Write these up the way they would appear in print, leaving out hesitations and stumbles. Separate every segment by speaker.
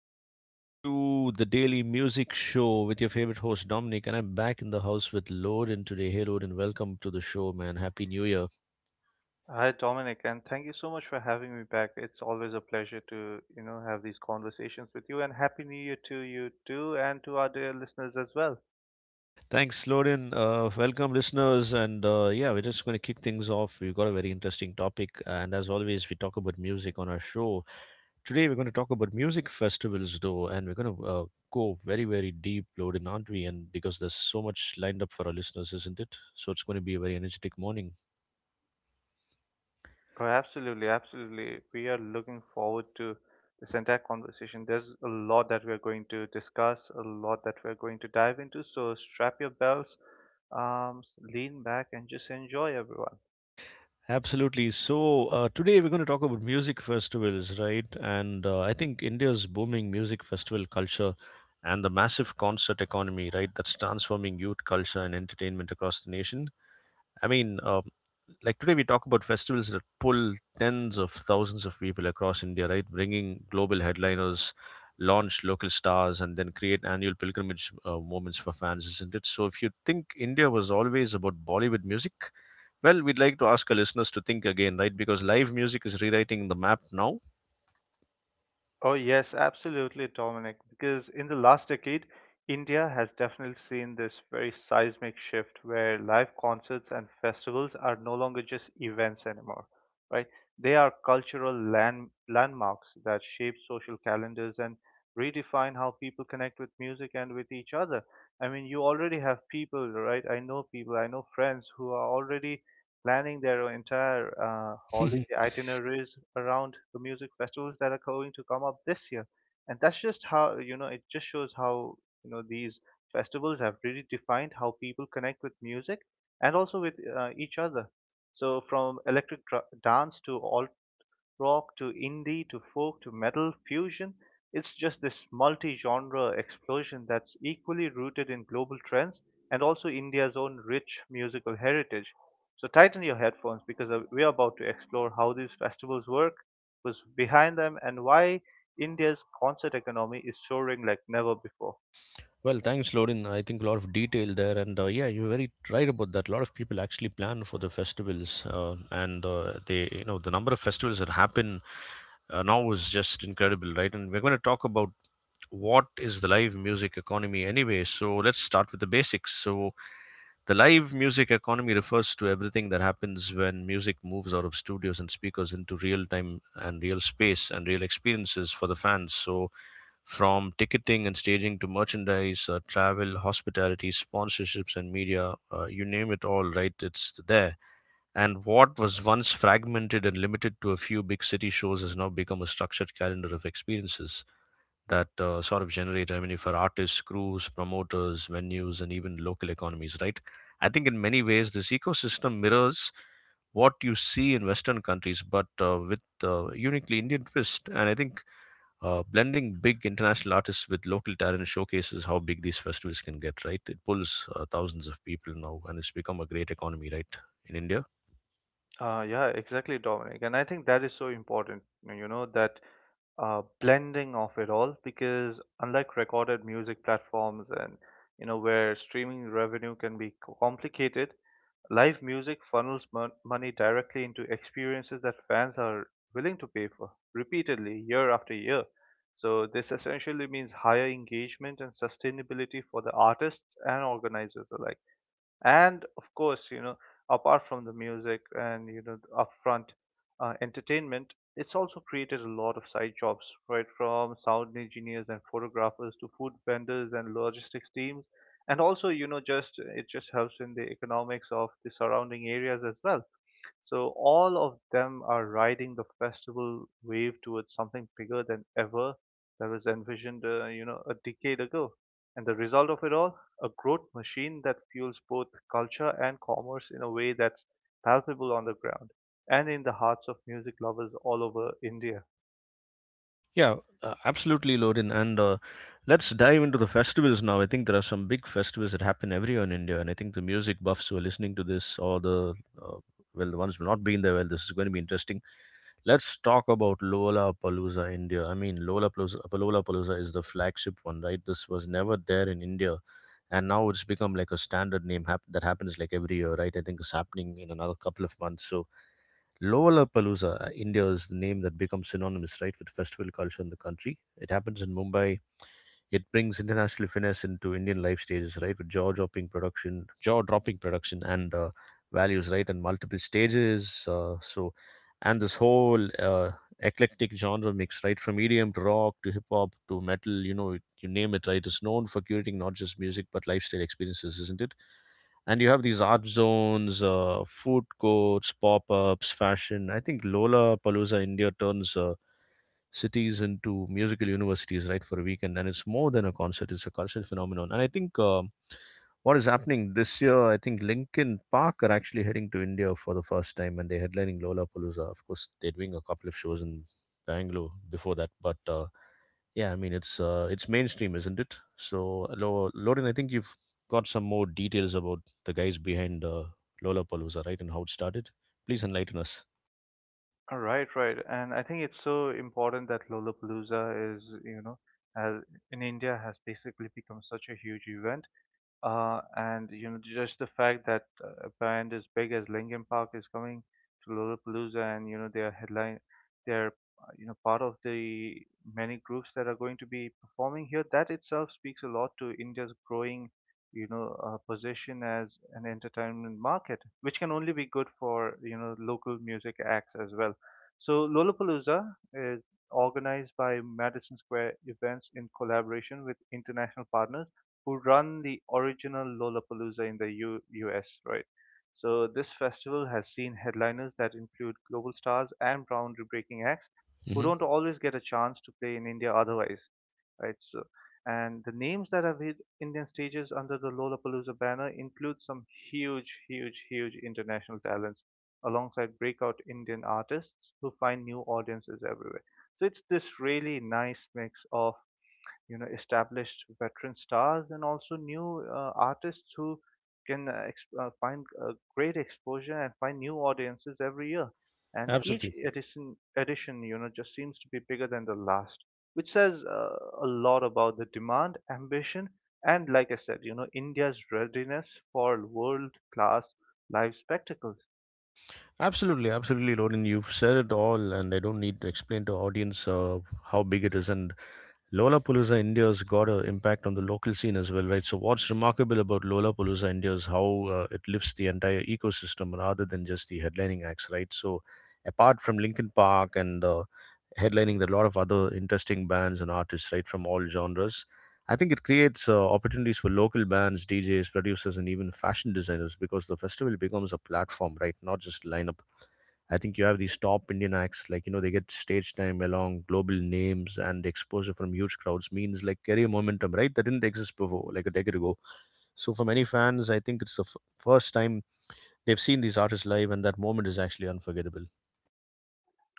Speaker 1: welcome to the Daily Music Show with your favorite host, Dominic. And I'm back in the house with Loden today. Hey, Loden, welcome to the show, man. Happy New Year.
Speaker 2: Hi Dominic, and thank you so much for having me back. It's always a pleasure to, you know, have these conversations with you, and happy new year to you too and to our dear listeners as well.
Speaker 1: Thanks, Loden. Welcome, listeners. And we're just going to kick things off. We've got a very interesting topic. And as always, we talk about music on our show. Today, we're going to talk about music festivals, though, and we're going to go very, very deep, Loden, aren't we? And because there's so much lined up for our listeners, isn't it? So it's going to be a very energetic morning.
Speaker 2: Oh, absolutely, absolutely. We are looking forward to this entire conversation. There's a lot that we are going to discuss, a lot that we are going to dive into, so strap your belts, um, lean back and just enjoy everyone.
Speaker 1: Absolutely. So today we're going to talk about music festivals, right? And I think India's booming music festival culture and the massive concert economy, right, that's transforming youth culture and entertainment across the nation. I mean, um, like today we talk about festivals that pull tens of thousands of people across India, right? Bringing global headliners, launch local stars, and then create annual pilgrimage moments for fans, isn't it? So if you think India was always about Bollywood music, well, we'd like to ask our listeners to think again, right? Because live music is rewriting the map now.
Speaker 2: Oh, yes, absolutely, Dominic. Because in the last decade, India has definitely seen this very seismic shift where live concerts and festivals are no longer just events anymore, right? They are cultural landmarks that shape social calendars and redefine how people connect with music and with each other. I mean, you already have people, right? I know people, I know friends who are already planning their entire holiday itineraries around the music festivals that are going to come up this year. And that's just how, you know, it just shows how, you know, these festivals have really defined how people connect with music and also with each other. So from dance to alt rock to indie to folk to metal fusion. It's just this multi-genre explosion that's equally rooted in global trends and also India's own rich musical heritage. So tighten your headphones, because we're about to explore how these festivals work, who's behind them, and why India's concert economy is soaring like never before.
Speaker 1: Well, thanks, Lorin. I think a lot of detail there, and you're very right about that. A lot of people actually plan for the festivals, and the number of festivals that happen now is just incredible, right? And we're going to talk about what is the live music economy anyway. So let's start with the basics. So the live music economy refers to everything that happens when music moves out of studios and speakers into real time and real space and real experiences for the fans. So from ticketing and staging to merchandise, travel, hospitality, sponsorships, and media, you name it all, right? It's there. And what was once fragmented and limited to a few big city shows has now become a structured calendar of experiences that sort of generate revenue for artists, crews, promoters, venues, and even local economies, right? I think in many ways, this ecosystem mirrors what you see in Western countries, but with uniquely Indian twist. And I think blending big international artists with local talent showcases how big these festivals can get, right? It pulls thousands of people now, and it's become a great economy, right, in India?
Speaker 2: Yeah, exactly, Dominic. And I think that is so important, you know, that blending of it all, because unlike recorded music platforms and you know where streaming revenue can be complicated, live music funnels money directly into experiences that fans are willing to pay for repeatedly year after year. So this essentially means higher engagement and sustainability for the artists and organizers alike. And of course, you know, apart from the music and you know the upfront entertainment, it's also created a lot of side jobs, right, from sound engineers and photographers to food vendors and logistics teams. And also, you know, just it just helps in the economics of the surrounding areas as well. So all of them are riding the festival wave towards something bigger than ever that was envisioned, you know, a decade ago. And the result of it all, a growth machine that fuels both culture and commerce in a way that's palpable on the ground and in the hearts of music lovers all over India.
Speaker 1: Yeah, absolutely, Lorin. And let's dive into the festivals now. I think there are some big festivals that happen every year in India, and I think the music buffs who are listening to this, or uh, the ones who have not been there, well, this is going to be interesting. Let's talk about Lollapalooza, India. I mean, Lollapalooza is the flagship one, right? This was never there in India, and now it's become like a standard name that happens like every year, right? I think it's happening in another couple of months. So, Lollapalooza, India is the name that becomes synonymous, right, with festival culture in the country. It happens in Mumbai, it brings international finesse into Indian life stages, right? With jaw-dropping production, and values, right, and multiple stages. And this whole eclectic genre mix, right, from EDM to rock to hip hop to metal, you know, you name it, right, is known for curating not just music but lifestyle experiences, isn't it? And you have these art zones, food courts, pop ups, fashion. I think Lola Palooza India turns cities into musical universities, right, for a weekend. And then it's more than a concert, it's a cultural phenomenon. And I think what is happening this year, I think Linkin Park are actually heading to India for the first time and they're headlining Lollapalooza. Of course, they're doing a couple of shows in Bangalore before that, but it's mainstream, isn't it? So, Lorin, I think you've got some more details about the guys behind Lollapalooza, right, and how it started. Please enlighten us.
Speaker 2: All right, right. And I think it's so important that Lollapalooza is, you know, has in India has basically become such a huge event. And you know, just the fact that a band as big as Linkin Park is coming to Lollapalooza, and you know, they're you know, part of the many groups that are going to be performing here. That itself speaks a lot to India's growing, you know, position as an entertainment market, which can only be good for you know local music acts as well. So Lollapalooza is organized by Madison Square Events in collaboration with international partners who run the original Lollapalooza in the U US, right? So this festival has seen headliners that include global stars and ground-breaking acts who
Speaker 1: hmm
Speaker 2: don't always get a chance to play in India otherwise, right? So, and the names that have hit Indian stages under the Lollapalooza banner include some huge, huge, huge international talents alongside breakout Indian artists who find new audiences everywhere. So it's this really nice mix of you know established veteran stars and also new artists who can find great exposure and find new audiences every year. And each
Speaker 1: Absolutely.
Speaker 2: edition edition you know just seems to be bigger than the last, which says a lot about the demand, ambition, and like I said, you know, India's readiness for world class live spectacles.
Speaker 1: Absolutely, Lorin. You've said it all, and I don't need to explain to audience how big it is. And Lollapalooza India's got an impact on the local scene as well, right? So what's remarkable about Lollapalooza India is how it lifts the entire ecosystem rather than just the headlining acts, right? So apart from Linkin Park and headlining, there are a lot of other interesting bands and artists, right, from all genres. I think it creates opportunities for local bands, DJs, producers, and even fashion designers because the festival becomes a platform, right? Not just lineup. I think you have these top Indian acts, like, you know, they get stage time along global names and the exposure from huge crowds means like career momentum, right? That didn't exist before, like a decade ago. So for many fans, I think it's the first time they've seen these artists live, and that moment is actually unforgettable.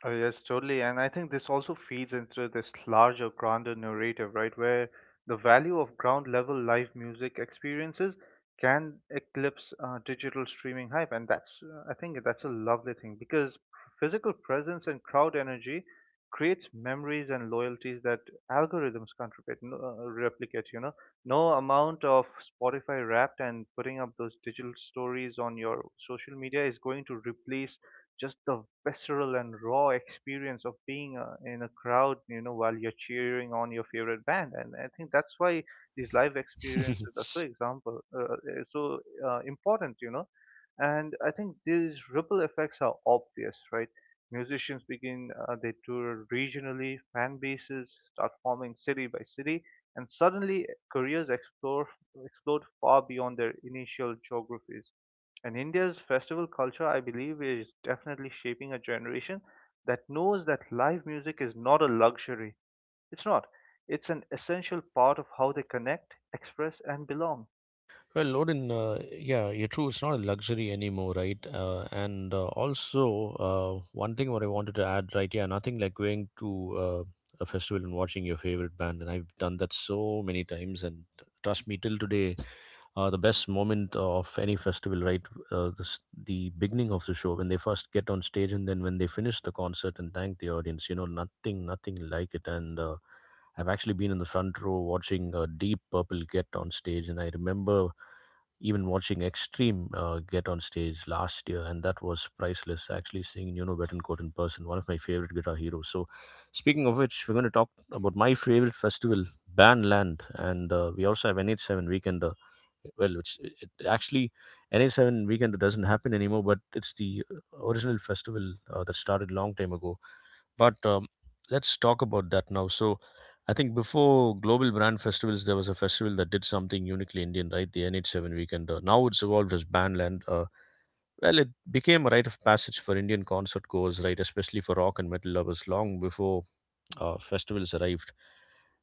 Speaker 2: Oh, yes, totally. And I think this also feeds into this larger, grander narrative, right? Where the value of ground level live music experiences can eclipse digital streaming hype. And that's, I think that's a lovely thing, because physical presence and crowd energy creates memories and loyalties that algorithms can't replicate, you know. No amount of Spotify wrapped and putting up those digital stories on your social media is going to replace just the visceral and raw experience of being in a crowd, you know, while you're cheering on your favorite band. And I think that's why these live experiences are so important, you know. And I think these ripple effects are obvious, right? Musicians begin, they tour regionally, fan bases start forming city by city, and suddenly explode far beyond their initial geographies. And India's festival culture, I believe, is definitely shaping a generation that knows that live music is not a luxury. It's not. It's an essential part of how they connect, express, and belong.
Speaker 1: Well, Loden, yeah, you're true. It's not a luxury anymore, right? And also, one thing what I wanted to add, right? Yeah, nothing like going to uh, a festival and watching your favorite band. And I've done that so many times. And trust me, till today, the best moment of any festival, right? Uh, the, s- the beginning of the show when they first get on stage and then when they finish the concert and thank the audience. You know, nothing like it. And I've actually been in the front row watching Deep Purple get on stage, and I remember even watching Extreme get on stage last year, and that was priceless. Actually, seeing Nuno Betancourt in person, one of my favorite guitar heroes. So, speaking of which, we're going to talk about my favorite festival, Bandland, and we also have NH7 Weekend. Uh, well it's it actually na7 weekend doesn't happen anymore, but it's the original festival that started long time ago, but let's talk about that now. So I think before global brand festivals there was a festival that did something uniquely Indian, right, the NH7 weekend. Now it's evolved as Bandland. Well, it became a rite of passage for Indian concert goers, right, especially for rock and metal lovers long before festivals arrived.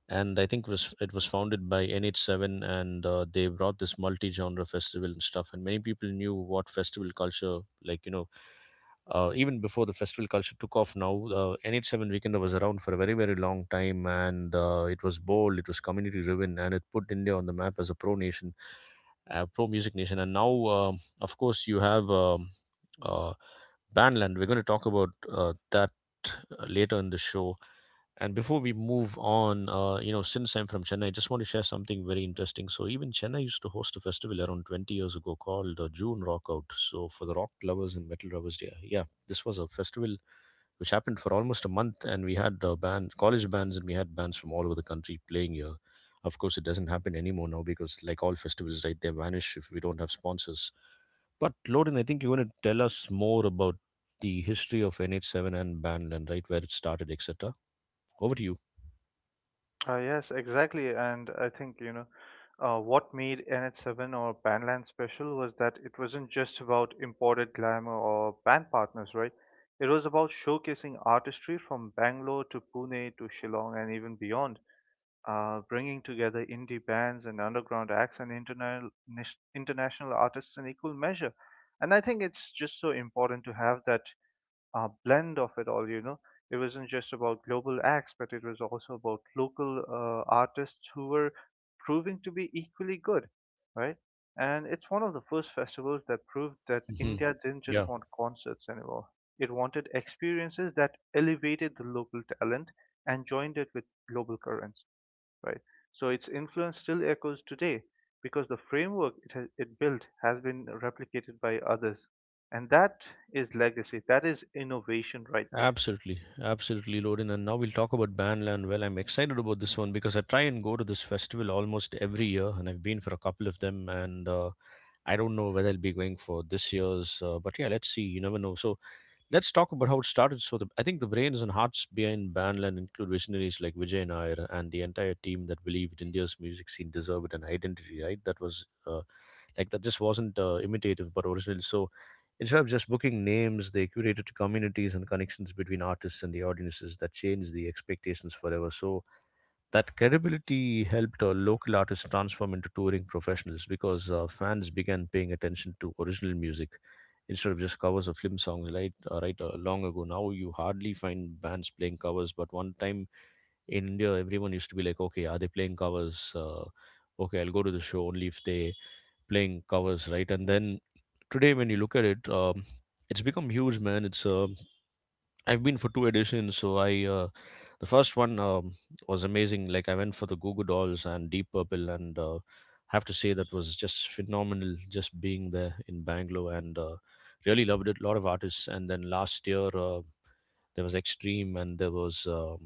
Speaker 1: And i think was it was founded by NH7 and they brought this multi-genre festival and stuff, and many people knew what festival culture like you know even before the festival culture took off. Now NH7 weekend was around for a very, very long time, and it was bold, it was community driven, and it put India on the map as a pro nation, pro music nation. And now of course you have uh, Bandland. We're going to talk about that later in the show. And before we move on, you know, since I'm from Chennai, I just want to share something very interesting. So even Chennai used to host a festival around 20 years ago called June Rockout. So for the rock lovers and metal lovers, yeah, this was a festival which happened for almost a month, and we had college bands, and we had bands from all over the country playing here. Of course, it doesn't happen anymore now because, like all festivals, right, they vanish if we don't have sponsors. But Loden, I think you're going to tell us more about the history of NH7 and Bandland, right, where it started, etc. Over to you.
Speaker 2: Yes, exactly. And I think, you know, what made NH7 or Bandland special was that it wasn't just about imported glamour or band partners, right? It was about showcasing artistry from Bangalore to Pune to Shillong and even beyond. Bringing together indie bands and underground acts and international artists in equal measure. And I think it's just so important to have that blend of it all, you know. It wasn't just about global acts, but it was also about local artists who were proving to be equally good, right? And it's one of the first festivals that proved that
Speaker 1: hmm
Speaker 2: India didn't just
Speaker 1: Yeah,
Speaker 2: want concerts anymore. It wanted experiences that elevated the local talent and joined it with global currents, right? So its influence still echoes today, because the framework it built has been replicated by others. And that is legacy. That is innovation right there.
Speaker 1: absolutely. Absolutely, Lorin. And now we'll talk about Bandland. Well, I'm excited about this one because I try and go to this festival almost every year, and I've been for a couple of them. And I don't know whether I'll be going for this year's, but yeah, let's see. You never know. So, let's talk about how it started. So, I think the brains and hearts behind Bandland include visionaries like Vijay Nair and the entire team that believed India's music scene deserved an identity, right? That was that just wasn't imitative but original. So, instead of just booking names, they curated communities and connections between artists and the audiences that changed the expectations forever. So, that credibility helped local artists transform into touring professionals because fans began paying attention to original music instead of just covers of film songs, long ago. Now you hardly find bands playing covers, but one time in India everyone used to be like, okay, are they playing covers, okay, I'll go to the show only if they playing covers, right? And then today when you look at it, it's become huge, man. It's I've been for two editions. So, the first one was amazing. Like, I went for the Google Dolls and Deep Purple, and have to say that was just phenomenal. Just being there in Bangalore, and really loved it. A lot of artists. And then last year, there was Extreme, and there was um,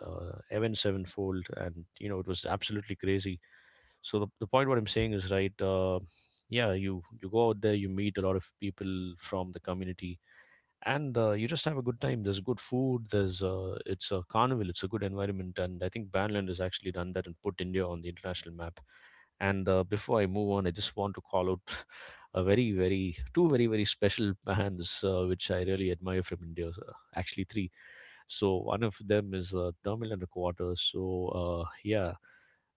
Speaker 1: uh, Evan Sevenfold, and it was absolutely crazy. So the point what I'm saying is, right. Yeah, you go out there, you meet a lot of people from the community, and you just have a good time. There's good food. There's it's a carnival. It's a good environment, and I think Banland has actually done that and put India on the international map. And before I move on, I just want to call out a very very two very very special bands which I really admire from India. So, actually, three. So one of them is Tamil and a Quarter. So, yeah,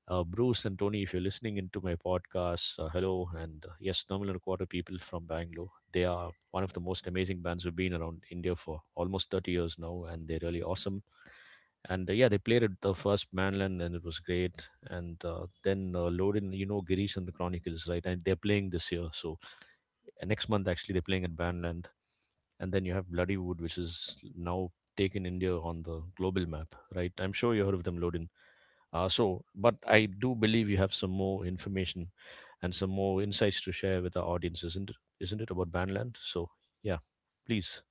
Speaker 1: Bruce and Tony, if you're listening into my podcast, hello, and yes, Tamil and a Quarter people from Bangalore. They are one of the most amazing bands who've been around India for almost 30 years now, and they're really awesome, and yeah, they played at the first Manland, and it was great. And then Loden, Girish and the Chronicles, right? And they're playing this year, so next month actually they're playing at Bandland, and then you have Bloodywood, which is now taken India on the global map, right? I'm sure you heard of them, Lodin. So, but I do believe you have some more information and some more insights to share with our audience, isn't it? Isn't it about Bandland? So, yeah, please.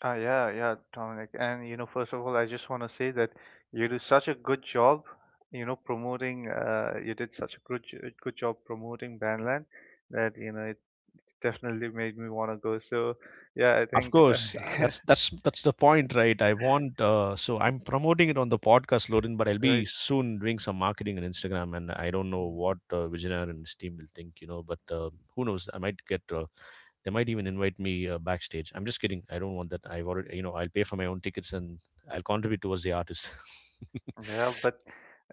Speaker 2: Yeah, yeah, Dominic. And you know, first of all, I just want to say that you did such a good job, you know, promoting. You did such a good job promoting Bandland that you know it definitely made me want to go. So yeah, I
Speaker 1: Of
Speaker 2: think
Speaker 1: course, that's that's the point, right? I want So I'm promoting it on the podcast, Lorin, but I'll be
Speaker 2: right.
Speaker 1: soon doing some marketing on Instagram, and I don't know
Speaker 2: Mm.
Speaker 1: what Vijayanagara and his team will think. But who knows? I might get they might even invite me backstage. I'm just kidding. I don't want that. I've already, you know, I'll pay for my own tickets, and I'll contribute towards the artist.
Speaker 2: Yeah, but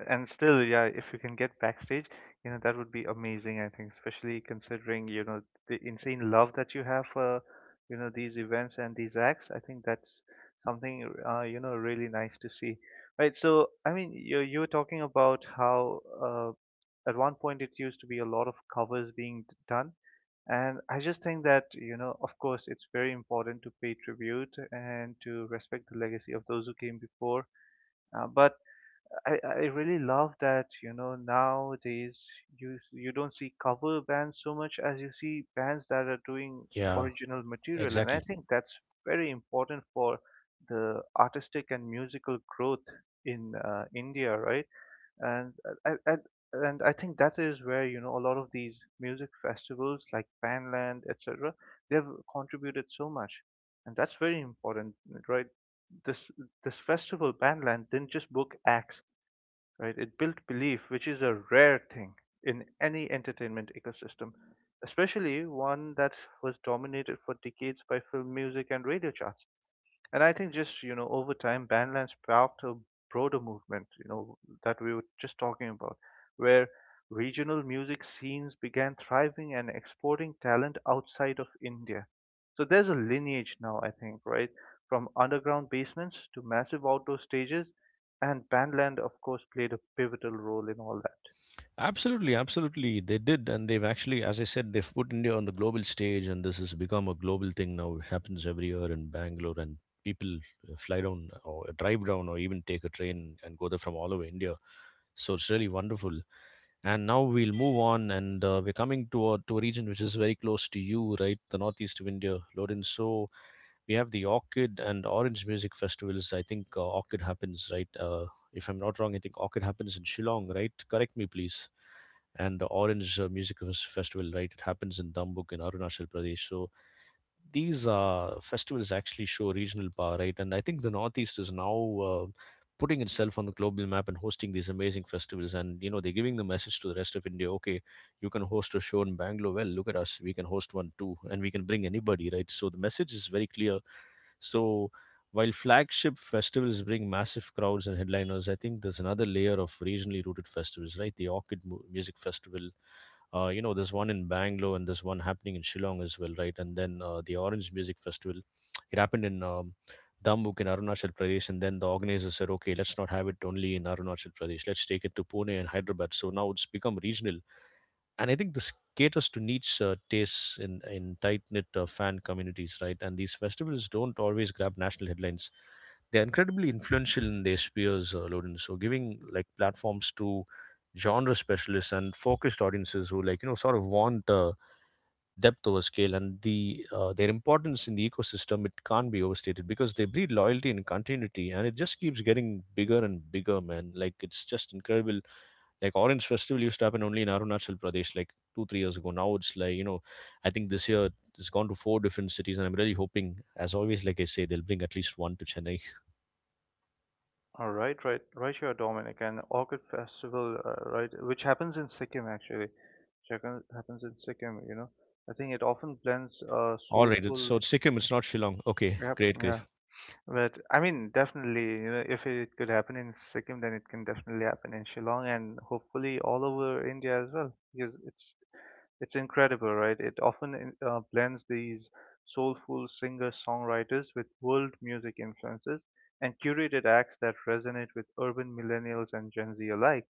Speaker 2: and still, yeah, if you can get backstage, you know, that would be amazing, I think, especially considering, you know, the insane love that you have for, you know, these events and these acts. I think that's something, you know, really nice to see. Right, so I mean, you were talking about how at one point it used to be a lot of covers being done, and I just think that, you know, of course, it's very important to pay tribute and to respect the legacy of those who came before. But I really love that, you know, nowadays you don't see cover bands so much as you see bands that are doing
Speaker 1: Yeah,
Speaker 2: original material, and I
Speaker 1: exactly.
Speaker 2: think that's very important for the artistic and musical growth in India, right? And I, I, I think that is where, you know, a lot of these music festivals like Bandland, etc., they've contributed so much, and that's very important, right? This this festival Bandland didn't just book acts, right? It built belief, which is a rare thing in any entertainment ecosystem, especially one that was dominated for decades by film music and radio charts. And I think just, you know, over time, Bandland sparked a broader movement, you know, that we were just talking about, where regional music scenes began thriving and exporting talent outside of India. So there's a lineage now, I think, right? From underground basements to massive outdoor stages, and Bandland, of course, played a pivotal role in all that.
Speaker 1: Absolutely, absolutely. They did, and they've actually, as I said, they've put India on the global stage, and this has become a global thing now. It happens every year in Bangalore, and people fly down or drive down or even take a train and go there from all over India. So it's really wonderful. And now we'll move on, and we're coming to a region which is very close to you, right? The northeast of India, Lodin. So we have the Orchid and Orange Music Festivals. I think Orchid happens, right? If I'm not wrong, I think Orchid happens in Shillong, right? Correct me, please. And the Orange Music Festival, right? It happens in Dambuk in Arunachal Pradesh. So these festivals actually show regional power, right? And I think the Northeast is now putting itself on the global map and hosting these amazing festivals. And you know, they're giving the message to the rest of India: okay, you can host a show in Bangalore. Well, look at us; we can host one too, and we can bring anybody, right? So the message is very clear. So while flagship festivals bring massive crowds and headliners, I think there's another layer of regionally rooted festivals, right? The Orchid Music Festival, there's one in Bangalore, and there's one happening in Shillong as well, right? And then the Orange Music Festival, it happened in Dambuk in Arunachal Pradesh, and then the organizers said, okay, let's not have it only in Arunachal Pradesh. Let's take it to Pune and Hyderabad. So now it's become regional, and I think this caters to niche tastes in tight knit fan communities, right? And these festivals don't always grab national headlines. They're incredibly influential in their spheres, Loden. So giving like platforms to genre specialists and focused audiences who like sort of want depth over scale, and their importance in the ecosystem, it can't be overstated because they breed loyalty and continuity, and it just keeps getting bigger and bigger, man. Like, it's just incredible. Like, Orange Festival used to happen only in Arunachal Pradesh like 2-3 years ago. Now it's like, I think this year it's gone to four different cities, and I'm really hoping, as always, like I say, they'll bring at least one to Chennai.
Speaker 2: All right, right, right here, Dominic, and Orchid Festival, right, which happens in Sikkim actually, which happens in Sikkim. You know, I think it often blends
Speaker 1: All right,
Speaker 2: soulful.
Speaker 1: so it's Sikkim, it's not Shillong. Okay,
Speaker 2: Yep,
Speaker 1: great, great.
Speaker 2: yeah, but I mean, definitely, you know, if it could happen in Sikkim, then it can definitely happen in Shillong and hopefully all over India as well, because it's incredible, right? It often blends these soulful singer-songwriters with world music influences and curated acts that resonate with urban millennials and Gen Z alike.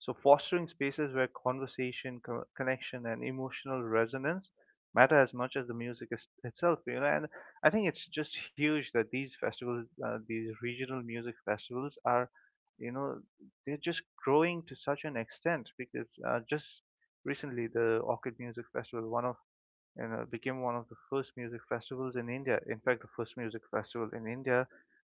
Speaker 2: So, fostering spaces where conversation, connection, and emotional resonance matter as much as the music is itself, you know. And I think it's just huge that these festivals, these regional music festivals, are, you know, they're just growing to such an extent because just recently the Orchid Music Festival, one of and became one of the first music festivals in India. In fact, the first music festival in India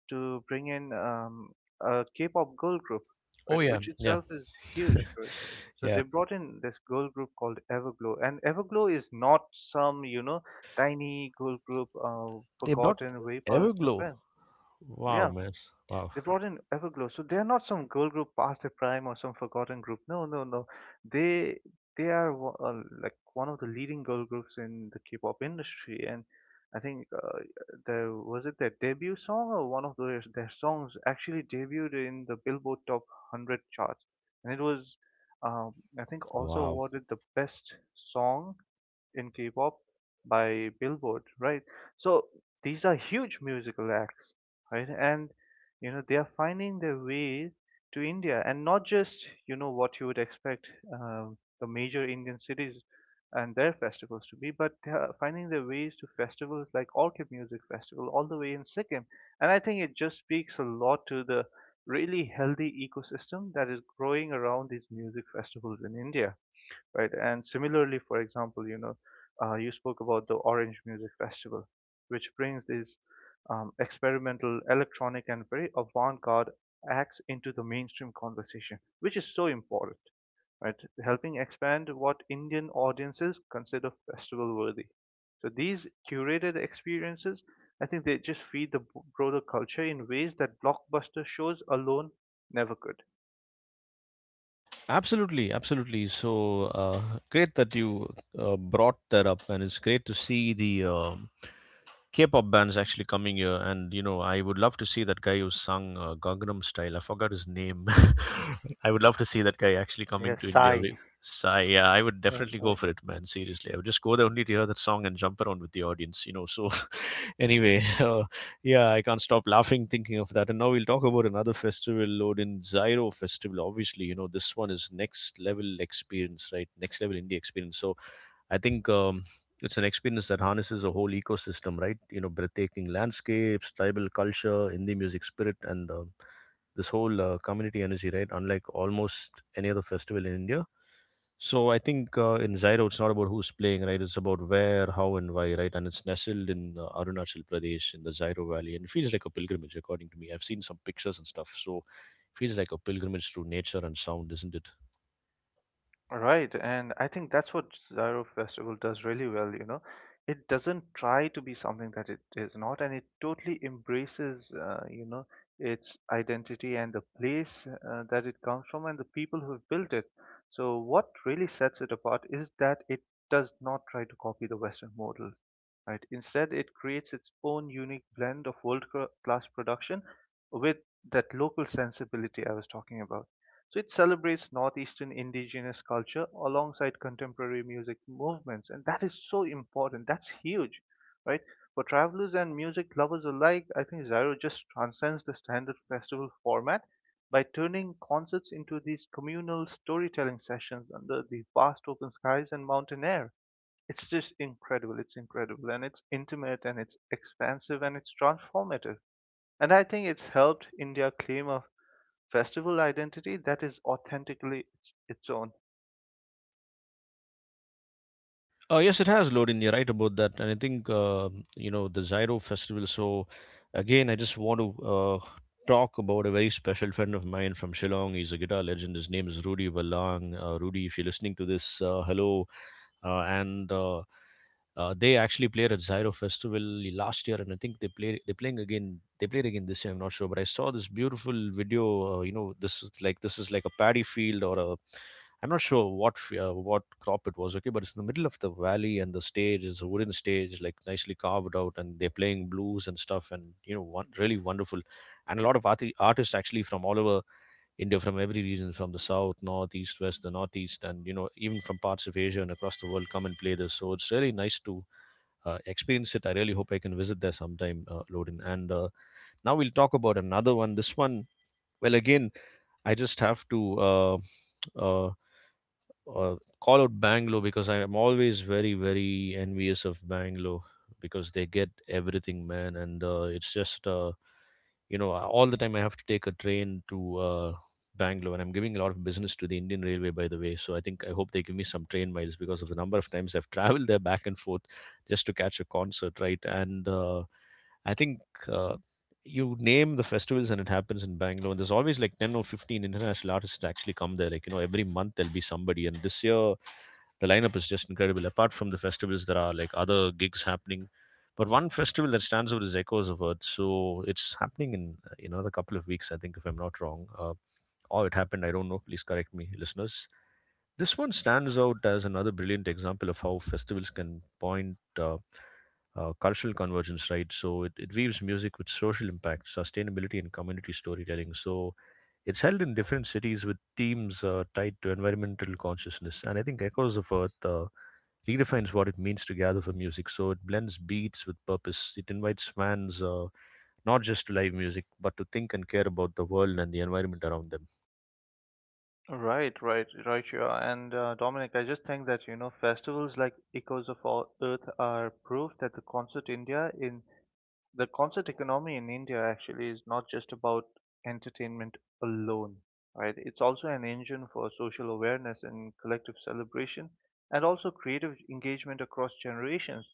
Speaker 2: to bring in a K-pop girl group, right?
Speaker 1: Oh yeah,
Speaker 2: Which
Speaker 1: yeah.
Speaker 2: itself is huge, right? So they brought in this girl group called Everglow, and Everglow is not some tiny girl group
Speaker 1: They brought
Speaker 2: forgotten way past the
Speaker 1: Everglow.
Speaker 2: friend.
Speaker 1: Wow,
Speaker 2: Yeah,
Speaker 1: man. Wow.
Speaker 2: they brought in Everglow, so they are not some girl group past their prime or some forgotten group. No, no, no. They they like one of the leading girl groups in the K-pop industry, and I think there was it their debut song or one of their songs actually debuted in the Billboard Top 100 chart, and it was um, I think also
Speaker 1: Wow.
Speaker 2: awarded the best song in K-pop by Billboard, right? So these are huge musical acts, right? And you know they are finding their way to India, and not just what you would expect the major Indian cities and their festivals to be, but they are finding their ways to festivals like Orchid Music Festival all the way in Sikkim, and I think it just speaks a lot to the really healthy ecosystem that is growing around these music festivals in India, right? And similarly, for example, you know, you spoke about the Orange Music Festival, which brings these experimental, electronic, and very avant-garde acts into the mainstream conversation, which is so important, right? Helping expand what Indian audiences consider festival worthy. So these curated experiences, I think they just feed the broader culture in ways that blockbuster shows alone never could.
Speaker 1: Absolutely, absolutely. So great that you brought that up, and it's great to see the K-pop bands actually coming here, and I would love to see that guy who sung Gangnam Style. I forgot his name. I would love to see that guy actually coming to
Speaker 2: Yes,
Speaker 1: India.
Speaker 2: I.
Speaker 1: So, yeah, I would
Speaker 2: Yes.
Speaker 1: definitely go for it, man. Seriously, I would just go there only to hear that song and jump around with the audience. So anyway, uh, yeah, I can't stop laughing thinking of that. And now we'll talk about another festival, Odin Zyro Festival. Obviously, this one is next level experience, right? Next level indie experience. So I think it's an experience that harnesses a whole ecosystem, right? Breathtaking landscapes, tribal culture, Hindi music spirit, and this whole community energy, right? Unlike almost any other festival in India. So I think in Zairo, it's not about who's playing, right? It's about where, how, and why, right? And it's nestled in Arunachal Pradesh in the Zairo Valley, and it feels like a pilgrimage, according to me. I've seen some pictures and stuff, so it feels like a pilgrimage through nature and sound, isn't it?
Speaker 2: Right, and I think that's what Zyro Festival does really well, you know. It doesn't try to be something that it is not, and it totally embraces, you know, its identity and the place that it comes from and the people who've built it. So what really sets it apart is that it does not try to copy the Western model, right? Instead, it creates its own unique blend of world-class production with that local sensibility I was talking about. So it celebrates Northeastern indigenous culture alongside contemporary music movements, and that is so important. That's huge, right? For travelers and music lovers alike, I think Zyro just transcends the standard festival format by turning concerts into these communal storytelling sessions under the vast open skies and mountain air. It's just incredible. It's incredible. And it's intimate and it's expansive and it's transformative. And I think it's helped India claim a festival identity that is authentically its own.
Speaker 1: Yes, it has, Lodin. You're right about that. And I think, the Zyro Festival. So, again, I just want to talk about a very special friend of mine from Shillong. He's a guitar legend. His name is Rudy Valang. Rudy, if you're listening to this, hello. And they actually played at Zyro Festival last year, and I think they played. They're playing again. They played again this year. I'm not sure, but I saw this beautiful video. You know, this is like a paddy field, or a I'm not sure what crop it was, okay, but it's in the middle of the valley, and the stage is a wooden stage, like nicely carved out, and they're playing blues and stuff, and one, really wonderful, and a lot of artists actually from all over India, from every region, from the south, north, east, west, the northeast, and even from parts of Asia and across the world, come and play this. So it's really nice to experience it. I really hope I can visit there sometime, Loden, and. Now we'll talk about another one. This one, well, again, I just have to uh, call out Bangalore because I am always very, very envious of Bangalore because they get everything, man. And it's just, all the time I have to take a train to Bangalore. And I'm giving a lot of business to the Indian Railway, by the way. So I hope they give me some train miles because of the number of times I've traveled there back and forth just to catch a concert, right? And I think. Uh, you name the festivals, and it happens in Bangalore. And there's always like 10 or 15 international artists that actually come there. Like, every month there'll be somebody. And this year, the lineup is just incredible. Apart from the festivals, there are like other gigs happening. But one festival that stands out is Echoes of Earth. So it's happening in another couple of weeks, I think, if I'm not wrong. Or it happened, I don't know. Please correct me, listeners. This one stands out as another brilliant example of how festivals can point cultural convergence, right? So it weaves music with social impact, sustainability, and community storytelling. So it's held in different cities with themes tied to environmental consciousness. And I think Echoes of Earth redefines what it means to gather for music. So it blends beats with purpose. It invites fans not just to live music, but to think and care about the world and the environment around them.
Speaker 2: Right, right, right, yeah. And Dominic, I just think that, you know, festivals like Echoes of All Earth are proof that the concert economy in India actually is not just about entertainment alone, right? It's also an engine for social awareness and collective celebration and also creative engagement across generations.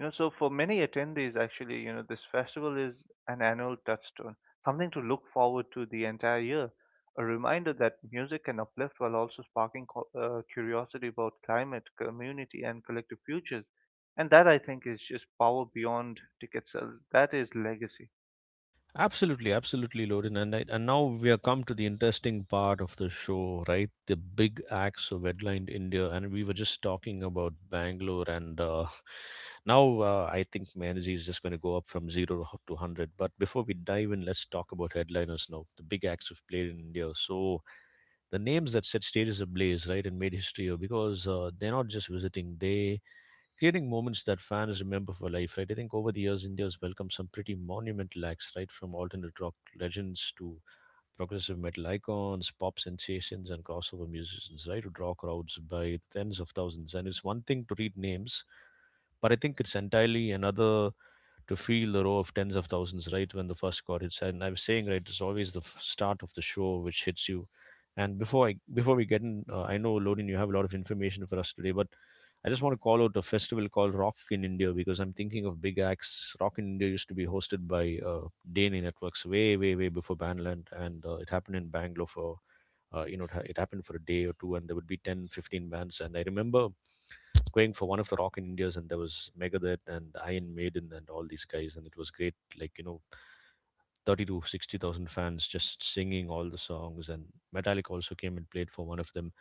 Speaker 2: You know, so for many attendees, actually, you know, this festival is an annual touchstone, something to look forward to the entire year, a reminder that music can uplift while also sparking curiosity about climate, community, and collective futures. And that I think is just power beyond ticket sales. That is legacy.
Speaker 1: Absolutely, absolutely, Lorin. And now we have come to the interesting part of the show, right? The big acts of headlined India, and we were just talking about Bangalore, and now I think my energy is just going to go up from zero to hundred. But before we dive in, let's talk about headliners now. The big acts who've played in India. So the names that set stages ablaze, right, and made history, because they're not just visiting; they creating moments that fans remember for life, right? I think over the years, India's welcomed some pretty monumental acts, right? From alternate rock legends to progressive metal icons, pop sensations, and crossover musicians, right? Who draw crowds by tens of thousands. And it's one thing to read names, but I think it's entirely another to feel the row of tens of thousands right when the first chord hits. And I was saying, right, it's always the start of the show which hits you. And before we get in, I know Lodin, you have a lot of information for us today, but I just want to call out a festival called Rock in India because I'm thinking of big acts. Rock in India used to be hosted by Dane Networks way, way, way before Bandland, and it happened in Bangalore for it happened for a day or two, and there would be 10, 15 bands, and I remember going for one of the Rock in Indias, and there was Megadeth and Iron Maiden and all these guys, and it was great. Like, thirty to sixty thousand fans just singing all the songs, and Metallica also came and played for one of them.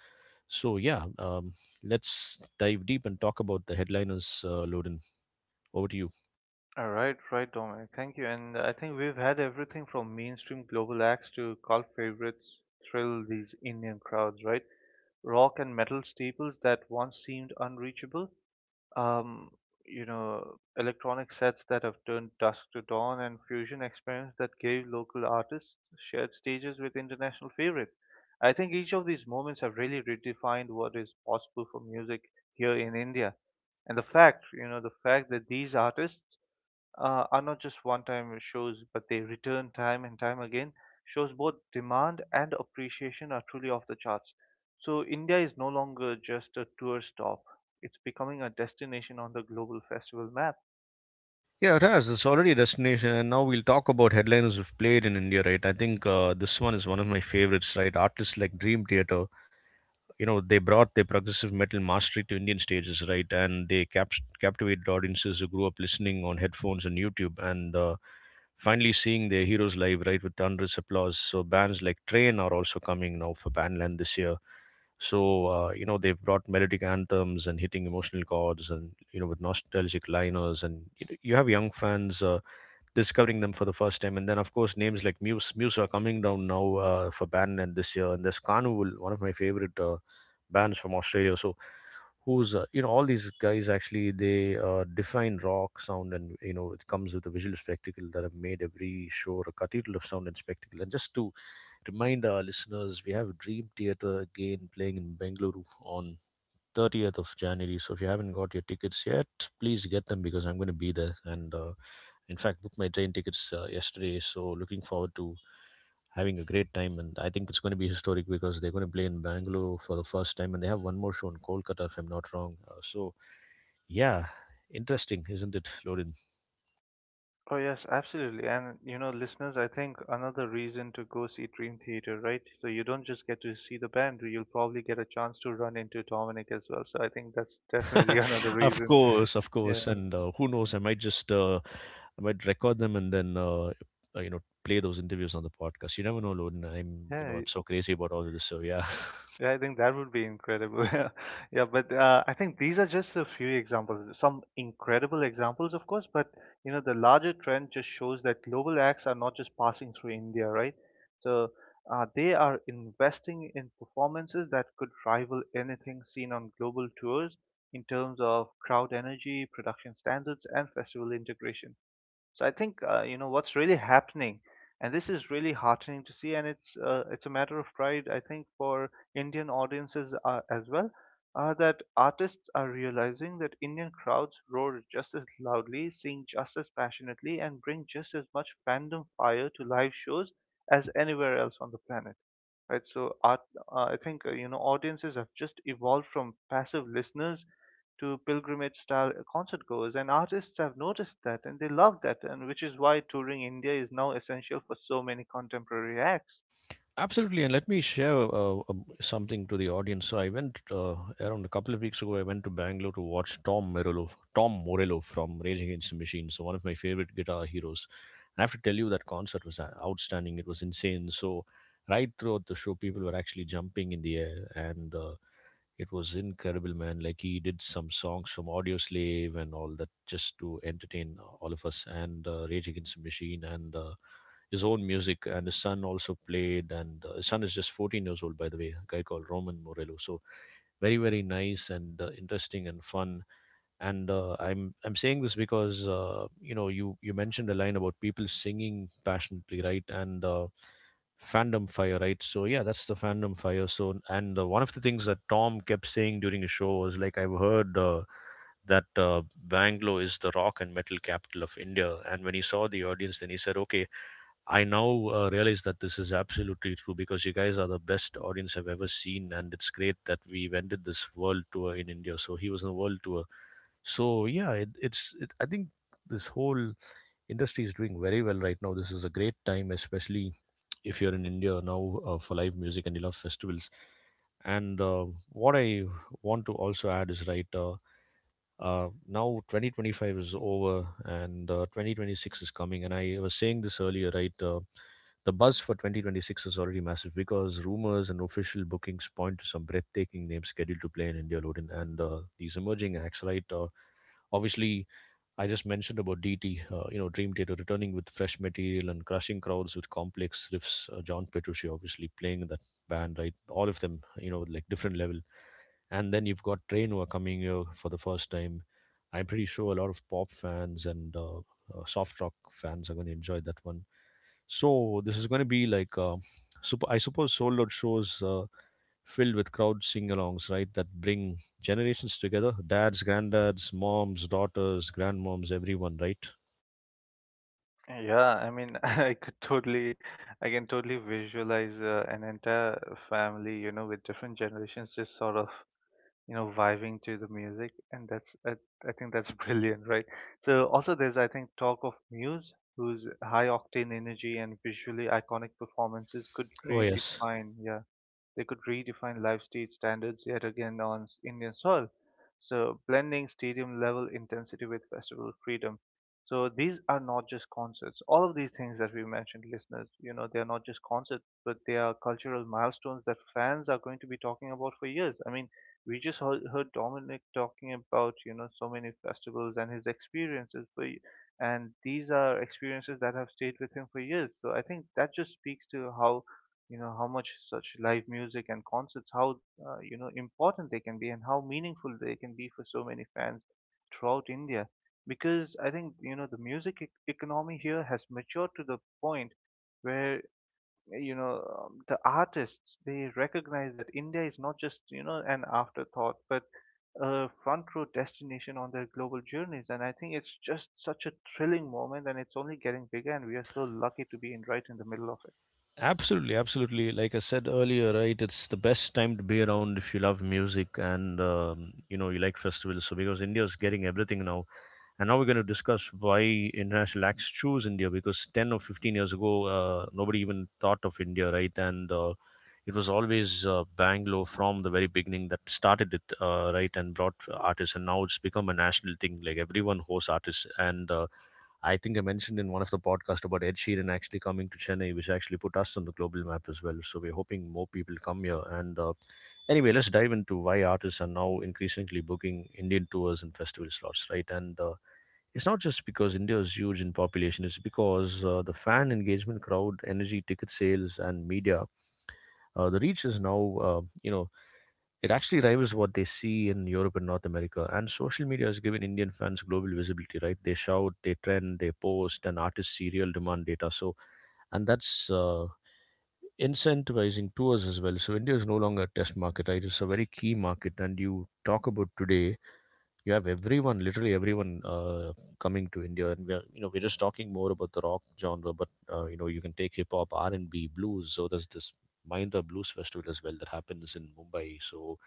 Speaker 1: So yeah, let's dive deep and talk about the headliners. Loden, over to you.
Speaker 2: All right, right, Dominic. Thank you. And I think we've had everything from mainstream global acts to cult favorites thrill these Indian crowds, right? Rock and metal staples that once seemed unreachable, um, you know, electronic sets that have turned dusk to dawn and fusion experiments that gave local artists shared stages with international favorites. I think each of these moments have really redefined what is possible for music here in India. And the fact, you know, the fact that these artists are not just one-time shows, but they return time and time again. Shows both demand and appreciation are truly off the charts. So India is no longer just a tour stop; it's becoming a destination on the global festival map.
Speaker 1: Yeah, Raz, it's already a destination, and now we'll talk about headliners who've played in India, right? I think this one is one of my favorites, right? Artists like Dream Theater, they brought their progressive metal mastery to Indian stages, right, and they captivated audiences who grew up listening on headphones and YouTube, and finally seeing their heroes live, right, with thunderous applause. So bands like Train are also coming now for Bandland this year. So they've brought melodic anthems and hitting emotional chords, and with nostalgic liners, and you have young fans discovering them for the first time. And then, of course, names like Muse. Muse are coming down now for Band and this year. And there's Carnival, one of my favorite bands from Australia. So who's all these guys, actually they define rock sound, and it comes with a visual spectacle that have made every show a cathedral of sound and spectacle. And just to remind our listeners, we have Dream Theater again playing in Bengaluru on 30th of January. So if you haven't got your tickets yet, please get them because I'm going to be there. And in fact, booked my train tickets yesterday. So looking forward to having a great time. And I think it's going to be historic because they're going to play in Bangalore for the first time. And they have one more show in Kolkata, if I'm not wrong. So yeah, interesting, isn't it, Lorin?
Speaker 2: Oh yes, absolutely. And you know, listeners, I think another reason to go see Dream Theater, right? So you don't just get to see the band, you'll probably get a chance to run into Dominic as well. So I think that's definitely another
Speaker 1: Of
Speaker 2: reason.
Speaker 1: course, of
Speaker 2: Yeah.
Speaker 1: course. And who knows? I might record them and then play those interviews on the podcast. You never know, Loden. I'm you know
Speaker 2: Yeah,
Speaker 1: I'm so crazy about all of this. So yeah,
Speaker 2: Yeah, I think that would be incredible. Yeah, but I think these are just a few examples, some incredible examples, of course, but you know, the larger trend just shows that global acts are not just passing through India, right? So they are investing in performances that could rival anything seen on global tours in terms of crowd energy, production standards, and festival integration. So I think you know what's really happening, and this is really heartening to see, and it's a matter of pride, I think, for Indian audiences as well, that artists are realizing that Indian crowds roar just as loudly, sing just as passionately, and bring just as much fandom fire to live shows as anywhere else on the planet. Right. I think you know audiences have just evolved from passive listeners to pilgrimage style concert goers, and artists have noticed that and they love that, and which is why touring India is now essential for so many contemporary acts.
Speaker 1: absolutely. And let me share something to the audience. So I went around a couple of weeks ago. I went to Bangalore to watch Tom Morello, Tom Morello from Rage Against the Machine. So one of my favorite guitar heroes. I have to tell you that concert was outstanding. It was insane. So right throughout the show, people were actually jumping in the air, and it was incredible, man. Like, he did some songs from Audio Slave and all that just to entertain all of us, and Rage Against the Machine, and his own music. And his son also played. And his son is just 14 years old, by the way, a guy called Roman Morello. So very, very nice and interesting and fun, and I'm saying this because you mentioned a line about people singing passionately, right, and fandom fire, right. So yeah, that's the fandom fire. So and one of the things that Tom kept saying during his show was like, I've heard that Bangalore is the rock and metal capital of India. And when he saw the audience, then he said, okay, I now realize that this is absolutely true because you guys are the best audience I've ever seen, and it's great that we ended this world tour in India. So he was on a world tour. So yeah, I think this whole industry is doing very well right now. This is a great time, especially if you're in India now for live music and you love festivals. And what I want to also add is right. Now 2025 is over, and 2026 is coming. And I was saying this earlier, right, the buzz for 2026 is already massive because rumors and official bookings point to some breathtaking names scheduled to play in India, Odin, and these emerging acts, right? Obviously, I just mentioned about DT, Dream Theater returning with fresh material and crushing crowds with complex riffs. John Petrucci, obviously, playing in that band, right? All of them, like different level. And then you've got Train, who are coming here for the first time. I'm pretty sure a lot of pop fans and soft rock fans are going to enjoy that one. So this is going to be like, I suppose, sold out shows filled with crowd sing-alongs, right? That bring generations together: dads, granddads, moms, daughters, grandmoms, everyone, right?
Speaker 2: Yeah, I mean, I can totally visualize an entire family, you know, with different generations just sort of, you know, vibing to the music, and I think that's brilliant, right? So also there's, I think, talk of Muse, whose high octane energy and visually iconic performances could
Speaker 1: Oh yes,
Speaker 2: redefine, yeah, they could redefine live stage standards yet again on Indian soil. So blending stadium level intensity with festival freedom. So these are not just concerts. All of these things that we mentioned, listeners, you know, they are not just concerts, but they are cultural milestones that fans are going to be talking about for years. I mean, we just heard Dominic talking about, you know, so many festivals and his experiences and these are experiences that have stayed with him for years. So I think that just speaks to how, you know, how much such live music and concerts how, you know, important they can be and how meaningful they can be for so many fans throughout India, because I think you know the music economy here has matured to the point where you know, the artists they recognize that India is not just you know an afterthought but a front row destination on their global journeys, and I think it's just such a thrilling moment and it's only getting bigger and we are so lucky to be in right in the middle of it.
Speaker 1: absolutely, absolutely. Like I said earlier, right? It's the best time to be around if you love music, and you like festivals. So because India is getting everything now, and now we're going to discuss why international acts choose India, because 10 or 15 years ago, nobody even thought of India, right? And it was always Bangalore from the very beginning that started it, right, and brought artists, and now it's become a national thing. Like, everyone hosts artists. And I think I mentioned in one of the podcasts about Ed Sheeran actually coming to Chennai, which actually put us on the global map as well. So we're hoping more people come here. And anyway, let's dive into why artists are now increasingly booking Indian tours and festival slots, right? And it's not just because India is huge in population; it's because the fan engagement, crowd energy, ticket sales, and media. The reach is now, it actually rivals what they see in Europe and North America. And social media has given Indian fans global visibility, right? They shout, they trend, they post, and artists see real demand data. So, and that's incentivizing tours as well. So India is no longer a test market, right? It's a very key market. And you talk about today, you have everyone, literally everyone, coming to India. And we're, we're just talking more about the rock genre, but you can take hip hop, R&B, blues. So there's this Mahindra Blues Festival as well that happens in Mumbai. So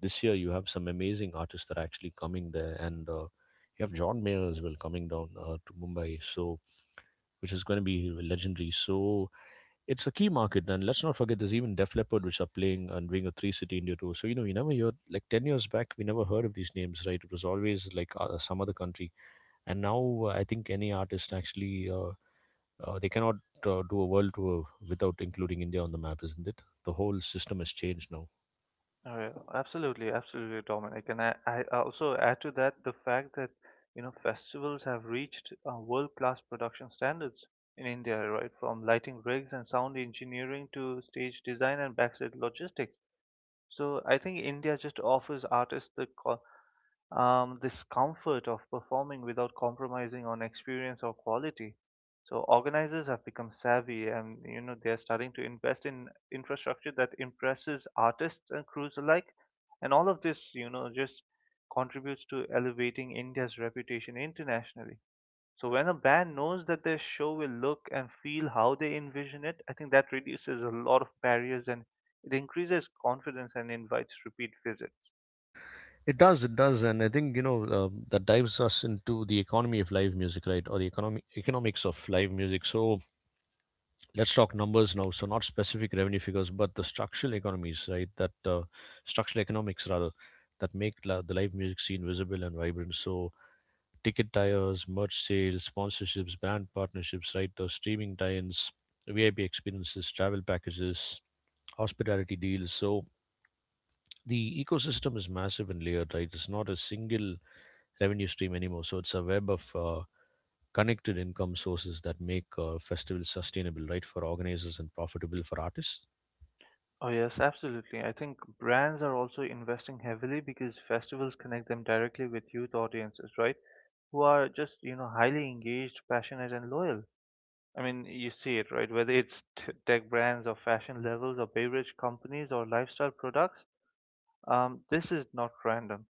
Speaker 1: this year you have some amazing artists that are actually coming there, and you have John Mayer as well coming down to Mumbai, so which is going to be legendary. So it's a key market, and let's not forget there's even Def Leppard which are playing and doing a three city India tour. So you know, you never heard, like 10 years back we never heard of these names, right? It was always like some other country. And now I think any artist actually they cannot do a world tour without including India on the map, isn't it? The whole system has changed now.
Speaker 2: Absolutely, absolutely, Dominic. And I also add to that the fact that, you know, festivals have reached world-class production standards in India, right? From lighting rigs and sound engineering to stage design and backstage logistics. So I think India just offers artists the co this comfort of performing without compromising on experience or quality. So organizers have become savvy, and you know they are starting to invest in infrastructure that impresses artists and crews alike. And all of this, you know, just contributes to elevating India's reputation internationally. So when a band knows that their show will look and feel how they envision it, I think that reduces a lot of barriers and it increases confidence and invites repeat visits.
Speaker 1: It does, and I think you know that dives us into the economy of live music, right, or the economy economics of live music. So let's talk numbers now. So not specific revenue figures, but the structural economies, right? That structural economics rather, that make the live music scene visible and vibrant. So ticket tires, merch sales, sponsorships, brand partnerships, right? The streaming tie-ins, VIP experiences, travel packages, hospitality deals. So the ecosystem is massive and layered, right? It's not a single revenue stream anymore. So it's a web of connected income sources that make festivals sustainable, right, for organizers and profitable for artists.
Speaker 2: Oh, yes, absolutely. I think brands are also investing heavily because festivals connect them directly with youth audiences, right? Who are just, you know, highly engaged, passionate, and loyal. I mean, you see it, right? Whether it's tech brands or fashion levels or beverage companies or lifestyle products, this is not random.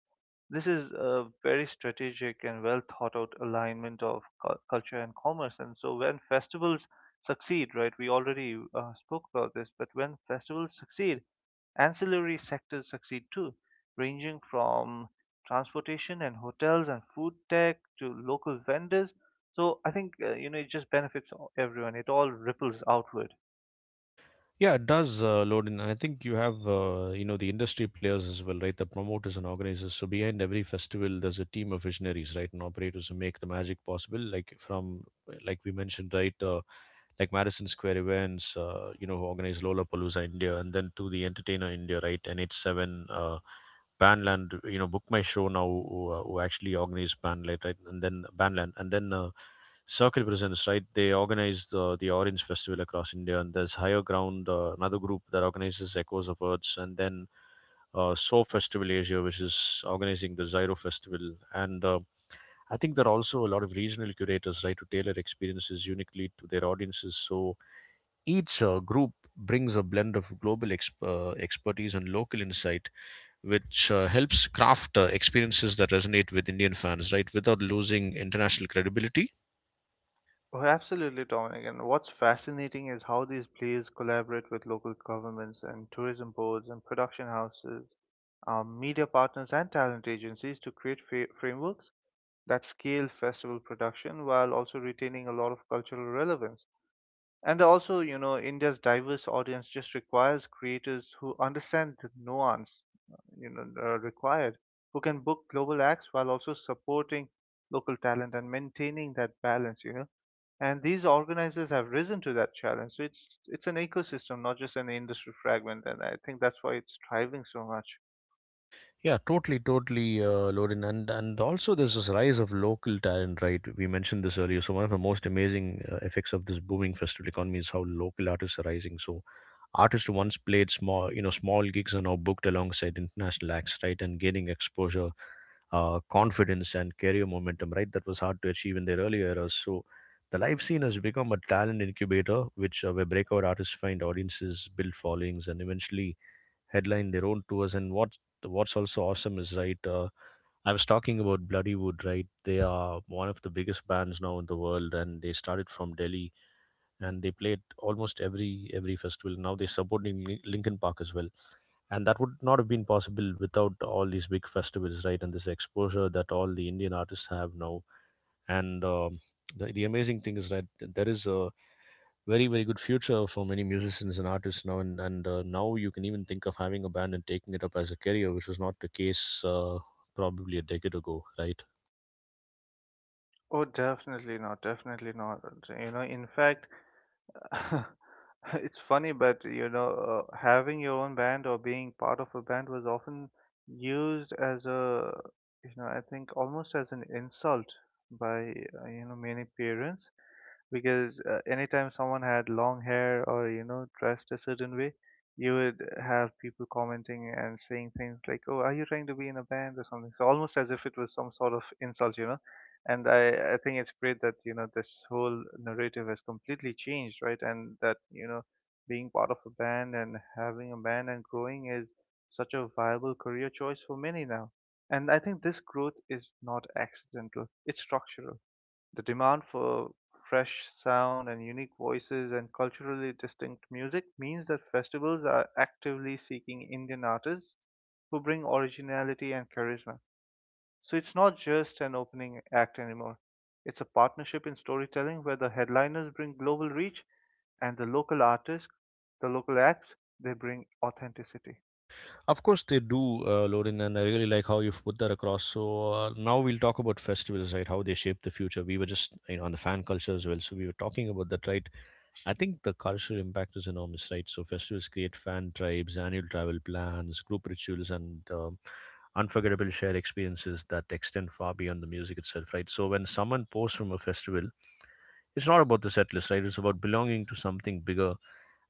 Speaker 2: This is a very strategic and well thought out alignment of culture and commerce. And so when festivals succeed, right, we already spoke about this, but when festivals succeed, ancillary sectors succeed too, ranging from transportation and hotels and food tech to local vendors. So I think, you know, it just benefits everyone. It all ripples outward.
Speaker 1: Yeah, it does load in. I think you have, you know, the industry players as well, right? The promoters and organizers. So behind every festival, there's a team of visionaries, right, and operators who make the magic possible. Like from, like we mentioned, right, like Madison Square events, you know, who organize Lollapalooza India, and then to the Entertainer India, right, NH7, Bandland, you know, Book My Show now, who actually organize Bandland, right, and then Bandland, and then Circle Presents, right? They organize the Orange Festival across India, and there's Higher Ground, another group that organizes Echoes of Earths, and then So Festival Asia, which is organizing the Zyro Festival. And I think there are also a lot of regional curators, right, to tailor experiences uniquely to their audiences. So each group brings a blend of global expertise and local insight, which helps craft experiences that resonate with Indian fans, right, without losing international credibility.
Speaker 2: Oh, absolutely, Dominic. And what's fascinating is how these plays collaborate with local governments and tourism boards and production houses, media partners, and talent agencies to create frameworks that scale festival production while also retaining a lot of cultural relevance. And also, you know, India's diverse audience just requires creators who understand the nuance, required, who can book global acts while also supporting local talent and maintaining that balance, you know. And these organizers have risen to that challenge. So it's an ecosystem, not just an industry fragment. And I think that's why it's thriving so much.
Speaker 1: Yeah, totally, totally, Lorin, and also there's this rise of local talent, right? We mentioned this earlier. So one of the most amazing effects of this booming festival economy is how local artists are rising. So artists who once played small, you know, small gigs are now booked alongside international acts, right, and gaining exposure, confidence, and career momentum, right? That was hard to achieve in their earlier eras. So the live scene has become a talent incubator, which where breakout artists find audiences, build followings, and eventually headline their own tours. And what's also awesome is right. I was talking about Bloody Wood, right? They are one of the biggest bands now in the world, and they started from Delhi, and they played almost every festival. Now they're supporting Linkin Park as well, and that would not have been possible without all these big festivals, right? And this exposure that all the Indian artists have now, and the amazing thing is that there is a very very good future for many musicians and artists now, and now you can even think of having a band and taking it up as a career, which was not the case probably a decade ago, right?
Speaker 2: Oh, definitely not, definitely not. You know, in fact, it's funny, but having your own band or being part of a band was often used as a, I think almost as an insult by, many parents because anytime someone had long hair or, you know, dressed a certain way, you would have people commenting and saying things like, "Oh, are you trying to be in a band or something?" So almost as if it was some sort of insult. And I think it's great that this whole narrative has completely changed, right? And that being part of a band and having a band and growing is such a viable career choice for many now. And I think this growth is not accidental, it's structural. The demand for fresh sound and unique voices and culturally distinct music means that festivals are actively seeking Indian artists who bring originality and charisma. So it's not just an opening act anymore. It's a partnership in storytelling where the headliners bring global reach and the local artists, the local acts, they bring authenticity.
Speaker 1: Of course they do, Lorin, and I really like how you've put that across. So now we'll talk about festivals, right, how they shape the future. We were just, you know, on the fan culture as well, so we were talking about that, right? I think the cultural impact is enormous, right? So festivals create fan tribes, annual travel plans, group rituals, and unforgettable shared experiences that extend far beyond the music itself, right? So when someone posts from a festival, it's not about the set list, right? It's about belonging to something bigger.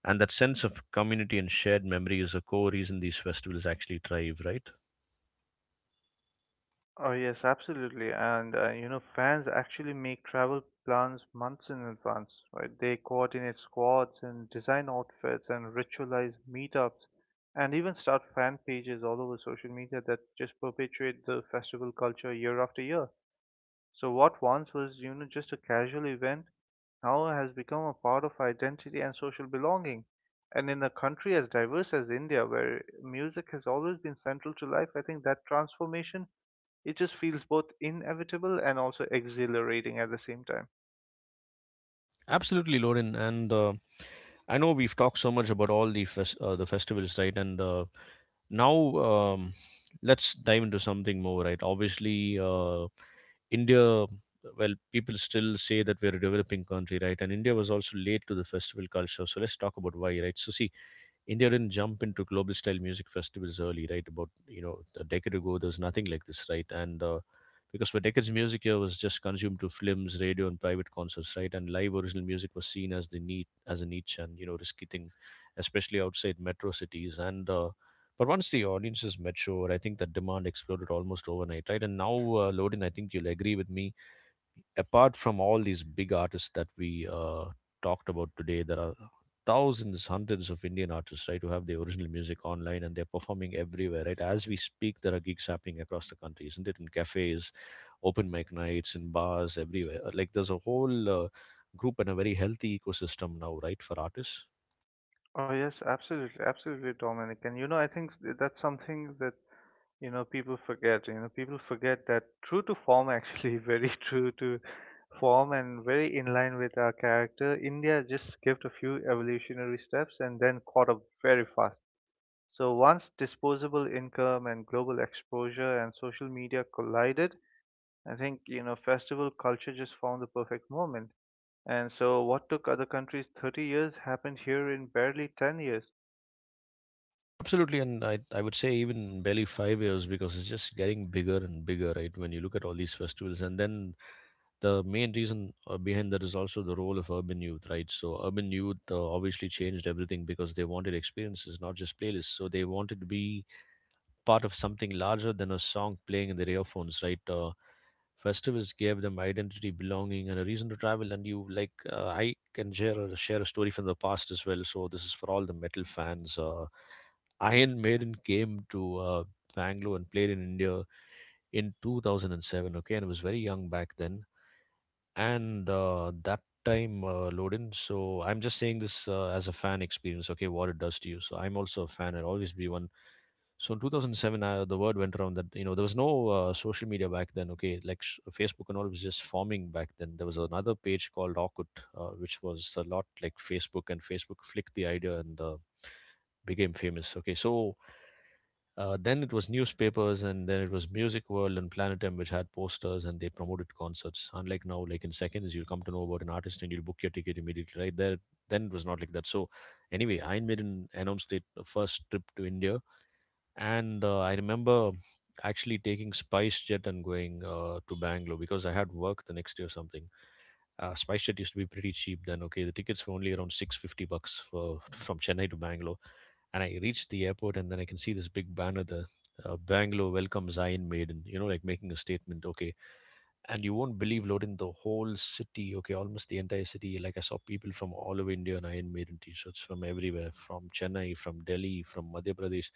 Speaker 1: And that sense of community and shared memory is a core reason these festivals actually thrive, right?
Speaker 2: Oh, yes, absolutely. And, fans actually make travel plans months in advance, right? They coordinate squads and design outfits and ritualize meetups and even start fan pages all over social media that just perpetuate the festival culture year after year. So what once was, you know, just a casual event now has become a part of identity and social belonging. And in a country as diverse as India, where music has always been central to life, I think that transformation, it just feels both inevitable and also exhilarating at the same time.
Speaker 1: Absolutely, Lorin. And I know we've talked so much about all the the festivals, right? And now let's dive into something more, right? Obviously, India, well, people still say that we're a developing country, right? And India was also late to the festival culture. So let's talk about why, right? So see, India didn't jump into global style music festivals early, right? About, you know, a decade ago, there was nothing like this, right? And because for decades, music here was just consumed through films, radio, and private concerts, right? And live original music was seen as the neat as a niche and you know risky thing, especially outside metro cities. And but once the audiences matured, I think that demand exploded almost overnight, right? And now, Lodin, I think you'll agree with me, apart from all these big artists that we talked about today, there are thousands, hundreds of Indian artists, right, who have their original music online and they're performing everywhere, right? As we speak, there are gigs happening across the country, isn't it? In cafes, open mic nights, in bars, everywhere. Like there's a whole group and a very healthy ecosystem now, right, for artists.
Speaker 2: Oh yes, absolutely, absolutely, Dominic. And you know, I think that's something that people forget. You know, people forget that true to form, actually, very true to form, and very in line with our character. India just skipped a few evolutionary steps and then caught up very fast. So once disposable income and global exposure and social media collided, I think festival culture just found the perfect moment. And so, what took other countries 30 years happened here in barely 10 years.
Speaker 1: Absolutely, and I would say even barely 5 years, because it's just getting bigger and bigger, right? When you look at all these festivals, and then the main reason behind that is also the role of urban youth, right? So urban youth obviously changed everything because they wanted experiences, not just playlists. So they wanted to be part of something larger than a song playing in their earphones, right? Festivals gave them identity, belonging, and a reason to travel. And you like, I can share a story from the past as well. So this is for all the metal fans. Iron Maiden came to Bangalore and played in India in 2007. Okay, and I was very young back then, and that time loading, so I'm just saying this as a fan experience, okay, what it does to you. So I'm also a fan, I'll always be one. So in 2007, the word went around that, you know, there was no social media back then, okay, like Facebook and all was just forming back then. There was another page called Orkut, which was a lot like Facebook, and Facebook flicked the idea and became famous, okay. So then it was newspapers, and then it was Music World and Planetum, which had posters and they promoted concerts. Unlike now, like in seconds, you'll come to know about an artist and you'll book your ticket immediately right there. Then it was not like that. So, anyway, Iron Maiden announced it first trip to India, and I remember actually taking Spice Jet and going to Bangalore because I had work the next day or something. Uh, spice Jet used to be pretty cheap then. Okay, the tickets were only around 650 bucks for from Chennai to Bangalore, and I reached the airport and then I can see this big banner there. Bangalore welcomes Iron Maiden, you know, like making a statement, okay. And you won't believe, Loden, the whole city, okay, almost the entire city. Like, I saw people from all over India in Iron Maiden t shirts from everywhere, from Chennai, from Delhi, from Madhya Pradesh.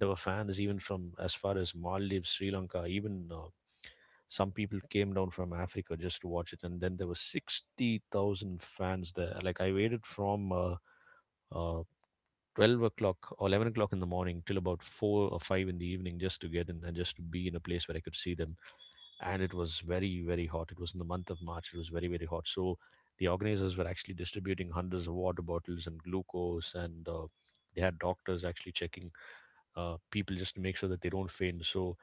Speaker 1: There were fans even from as far as Maldives, Sri Lanka, even some people came down from Africa just to watch it, and then there were 60,000 fans there. Like I waited from uh, 12 o'clock or 11 o'clock in the morning till about four or five in the evening just to get in and just to be in a place where I could see them. And it was very very hot. It was in the month of March. It was very very hot. So the organizers were actually distributing hundreds of water bottles and glucose, and they had doctors actually checking people just to make sure that they don't faint. So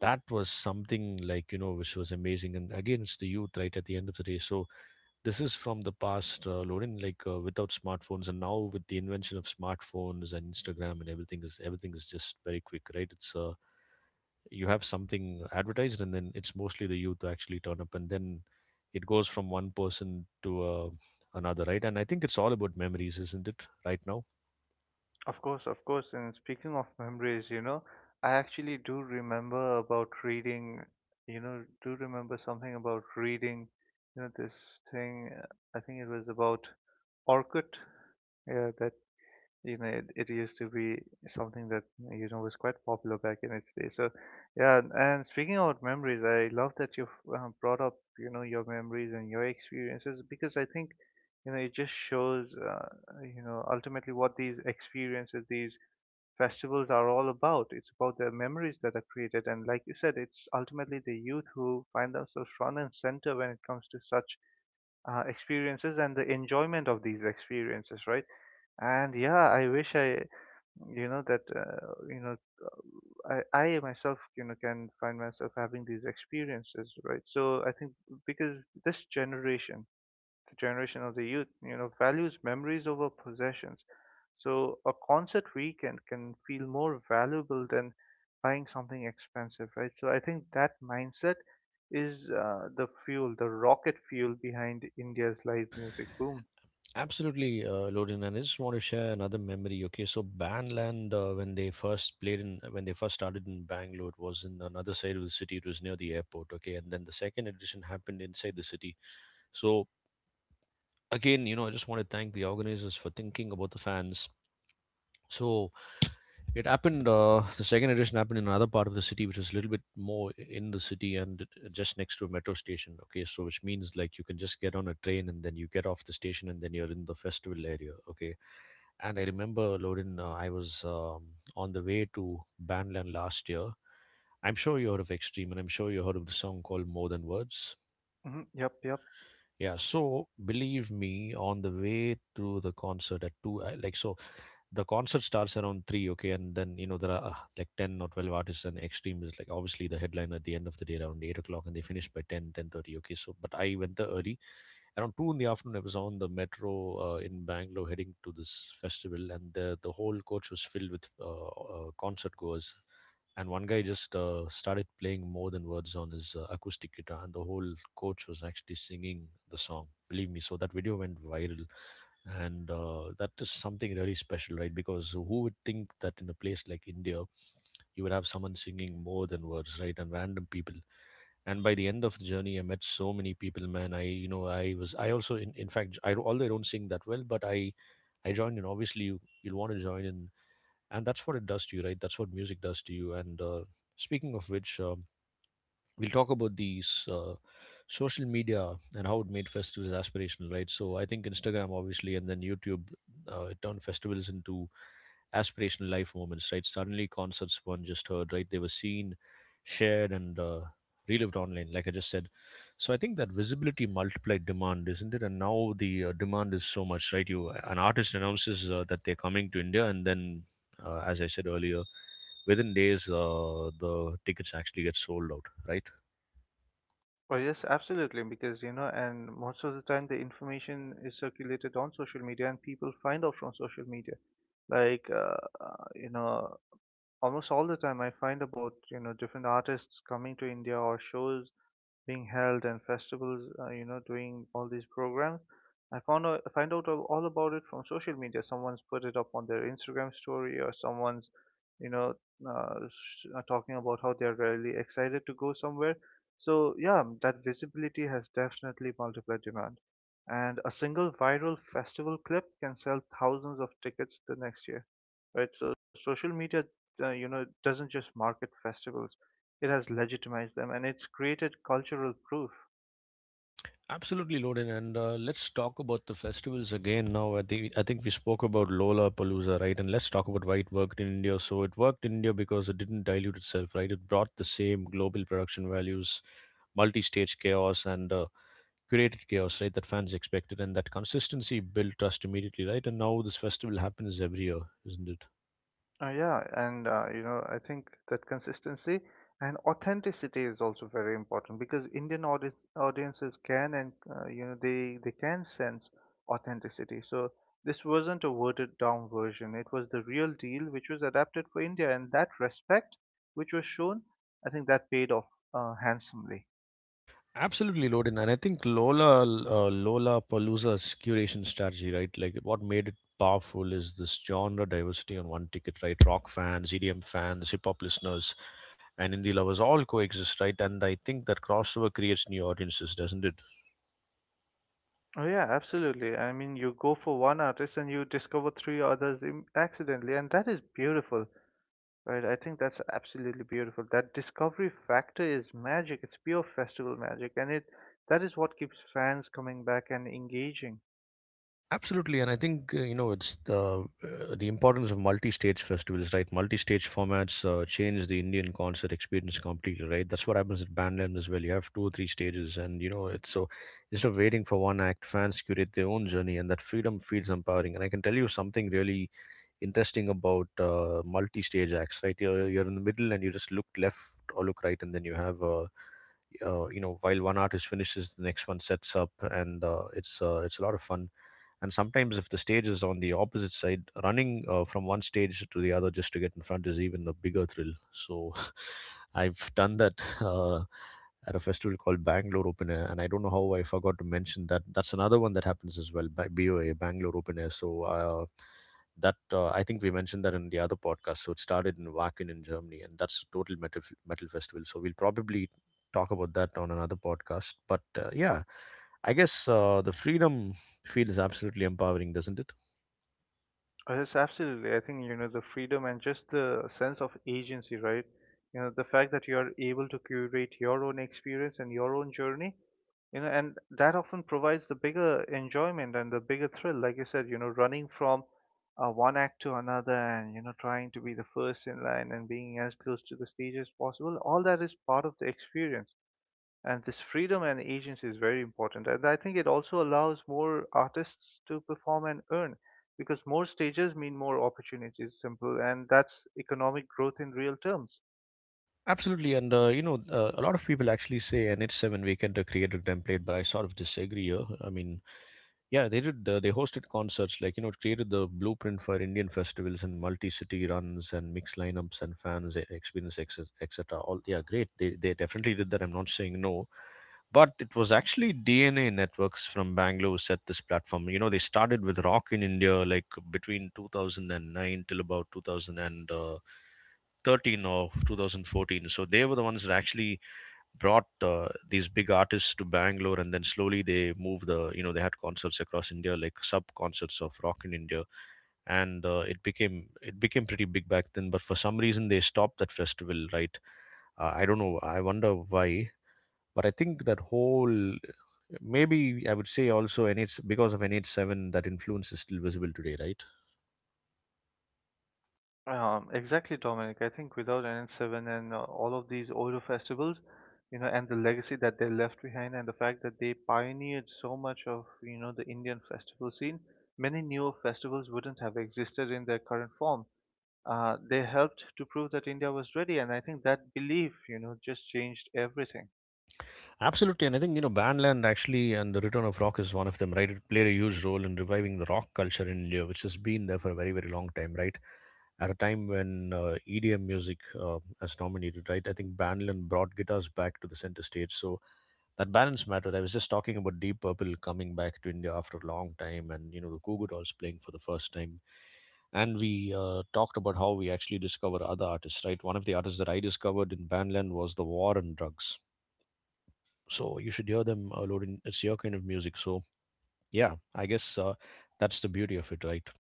Speaker 1: that was something, like, you know, which was amazing. And again, it's the youth, right, at the end of the day. So this is from the past, Lorin, like without smartphones, and now with the invention of smartphones and Instagram, and everything is just very quick, right? It's you have something advertised and then it's mostly the youth who actually turn up, and then it goes from one person to another, right? And I think it's all about memories, isn't it, right now?
Speaker 2: Of course, of course. And speaking of memories, you know, I actually do remember something about reading, you know, this thing. I think it was about Orkut. Yeah, that you know, it used to be something that was quite popular back in its day. So yeah. And speaking about memories, I love that you've brought up, you know, your memories and your experiences, because I think it just shows, ultimately, what these experiences, these festivals, are all about. It's about the memories that are created, and like you said, it's ultimately the youth who find themselves front and center when it comes to such experiences and the enjoyment of these experiences, right? And yeah, I wish I, you know, that I myself, you know, can find myself having these experiences, right? So I think, because this generation, the generation of the youth, you know, values memories over possessions. So a concert weekend can feel more valuable than buying something expensive, right? So I think that mindset is, the fuel, the rocket fuel, behind India's live music boom.
Speaker 1: Absolutely, Lorin, and I just want to share another memory. Okay, so Bandland, when they when they first started in Bangalore, it was in another side of the city. It was near the airport. Okay, and then the second edition happened inside the city. So again, you know, I just want to thank the organizers for thinking about the fans. So it happened. The second edition happened in another part of the city, which is a little bit more in the city, and just next to a metro station. Okay, so which means like you can just get on a train and then you get off the station and then you're in the festival area. Okay, and I remember, Lorin, I was on the way to Bandland last year. I'm sure you heard of Extreme, and I'm sure you heard of the song called "More Than Words."
Speaker 2: Hmm, yep, yep.
Speaker 1: Yeah, so believe me, on the way through the concert at two, I, like so, the concert starts around three, okay, and then you know there are like 10 or 12 artists, and Extreme is like obviously the headline at the end of the day around 8 o'clock, and they finish by 10, 10:30, okay. So, but I went there early, around two in the afternoon, I was on the metro in Bangalore heading to this festival, and the whole coach was filled with concert goers. And one guy just started playing "More Than Words" on his acoustic guitar, and the whole coach was actually singing the song. Believe me, so that video went viral, and that is something really special, right? Because who would think that in a place like India, you would have someone singing "More Than Words," right? And random people. And by the end of the journey, I met so many people, man. I was, I also, in fact, I although I don't sing that well, but I joined in. Obviously, you'll want to join in, and that's what it does to you, right? That's what music does to you. And speaking of which, we'll talk about these social media and how it made festivals aspirational, right? So I think Instagram, obviously, and then YouTube, it turned festivals into aspirational life moments, right? Suddenly, concerts one just heard, right? They were seen, shared, and relived online, like I just said. So I think that visibility multiplied demand, isn't it? And now the demand is so much, right? You an artist announces that they're coming to India, and then, as I said earlier, within days, the tickets actually get sold out, right?
Speaker 2: Oh, yes, absolutely. Because, you know, and most of the time the information is circulated on social media and people find out from social media. Like, uh, you know, almost all the time I find about, you know, different artists coming to India or shows being held and festivals, you know, doing all these programs. I find all about it from social media. Someone's put it up on their Instagram story, or someone's, you know, talking about how they're really excited to go somewhere. So yeah, that visibility has definitely multiplied demand, and a single viral festival clip can sell thousands of tickets the next year, right? So social media, you know, doesn't just market festivals; it has legitimized them and it's created cultural proof.
Speaker 1: Absolutely, Loden, and let's talk about the festivals again now. I think we spoke about Lola Palooza, right? And let's talk about why it worked in India. So it worked in India because it didn't dilute itself, right? It brought the same global production values, multi-stage chaos, and curated chaos, right? That fans expected, and that consistency built trust immediately, right? And now this festival happens every year, isn't it?
Speaker 2: Yeah, and you know, I think that consistency and authenticity is also very important because audiences can, and you know, they can sense authenticity. So this wasn't a watered down version. It was the real deal, which was adapted for India, and that respect, which was shown, I think that paid off handsomely.
Speaker 1: Absolutely, Lodin. And I think Lola Palooza's curation strategy, right? Like what made it powerful is this genre diversity on one ticket, right? Rock fans, EDM fans, hip hop listeners, and indie lovers all coexist, right? And I think that crossover creates new audiences, doesn't it?
Speaker 2: Oh yeah, absolutely. I mean, you go for one artist and you discover three others accidentally, and that is beautiful, right? I think that's absolutely beautiful. That discovery factor is magic. It's pure festival magic, and it that is what keeps fans coming back and engaging.
Speaker 1: Absolutely, and I think you know it's the importance of multi-stage festivals, right? Multi-stage formats change the Indian concert experience completely, right? That's what happens at Bandland as well. You have two or three stages, and you know it's so instead of waiting for one act, fans curate their own journey, and that freedom feels empowering. And I can tell you something really interesting about multi-stage acts, right? You're in the middle and you just look left or look right, and then you have you know while one artist finishes, the next one sets up, and it's a lot of fun. And sometimes if the stage is on the opposite side, running from one stage to the other just to get in front is even a bigger thrill. So I've done that, at a festival called Bangalore Open Air, and I don't know how I forgot to mention that. That's another one that happens as well by BOA Bangalore Open Air. So that I think we mentioned that in the other podcast. So it started in Wacken in Germany, and that's a total metal festival. So we'll probably talk about that on another podcast. But yeah, I guess the freedom feel is absolutely empowering, doesn't it?
Speaker 2: Oh, yes, absolutely. I think, you know, the freedom and just the sense of agency, right? You know, the fact that you are able to curate your own experience and your own journey, you know, and that often provides the bigger enjoyment and the bigger thrill. Like you said, you know, running from one act to another and, you know, trying to be the first in line and being as close to the stage as possible, all that is part of the experience. And this freedom and agency is very important, and I think it also allows more artists to perform and earn, because more stages mean more opportunities, simple. And that's economic growth in real terms.
Speaker 1: Absolutely, and you know, a lot of people actually say NH7 Weekend created template, but I sort of disagree. I mean, yeah, they did. They hosted concerts, like you know, it created the blueprint for Indian festivals and multi-city runs and mixed lineups and fans experience, et cetera. All yeah, great. They definitely did that. I'm not saying no, but it was actually DNA Networks from Bangalore set this platform. You know, they started with rock in India, like between 2009 till about 2000 and 13 or 2014, so they were the ones that actually brought these big artists to Bangalore. And then slowly they moved they had concerts across India, like sub concerts of Rock in India. And it became pretty big back then, but for some reason they stopped that festival, right? I don't know, I wonder why. But I think that whole, maybe, I would say also NH, because of NH7, that influence is still visible today, right?
Speaker 2: Exactly, Dominic. I think without NH7 and all of these older festivals, you know, and the legacy that they left behind and the fact that they pioneered so much of, you know, the Indian festival scene, many newer festivals wouldn't have existed in their current form. They helped to prove that India was ready, and I think that belief, you know, just changed everything.
Speaker 1: Absolutely, and I think you know Bandland actually and the return of rock is one of them, right? It played a huge role in reviving the rock culture in India, which has been there for a very very long time, right? At a time when EDM music has dominated, right? I think Bandland brought guitars back to the center stage, so that balance mattered. I was just talking about Deep Purple coming back to India after a long time, and you know the Goo Goo Dolls playing for the first time, and we talked about how we actually discover other artists, right? One of the artists that I discovered in Bandland was the War and Drugs, so you should hear them, loading, it's your kind of music. So yeah, I guess that's the beauty of it, right?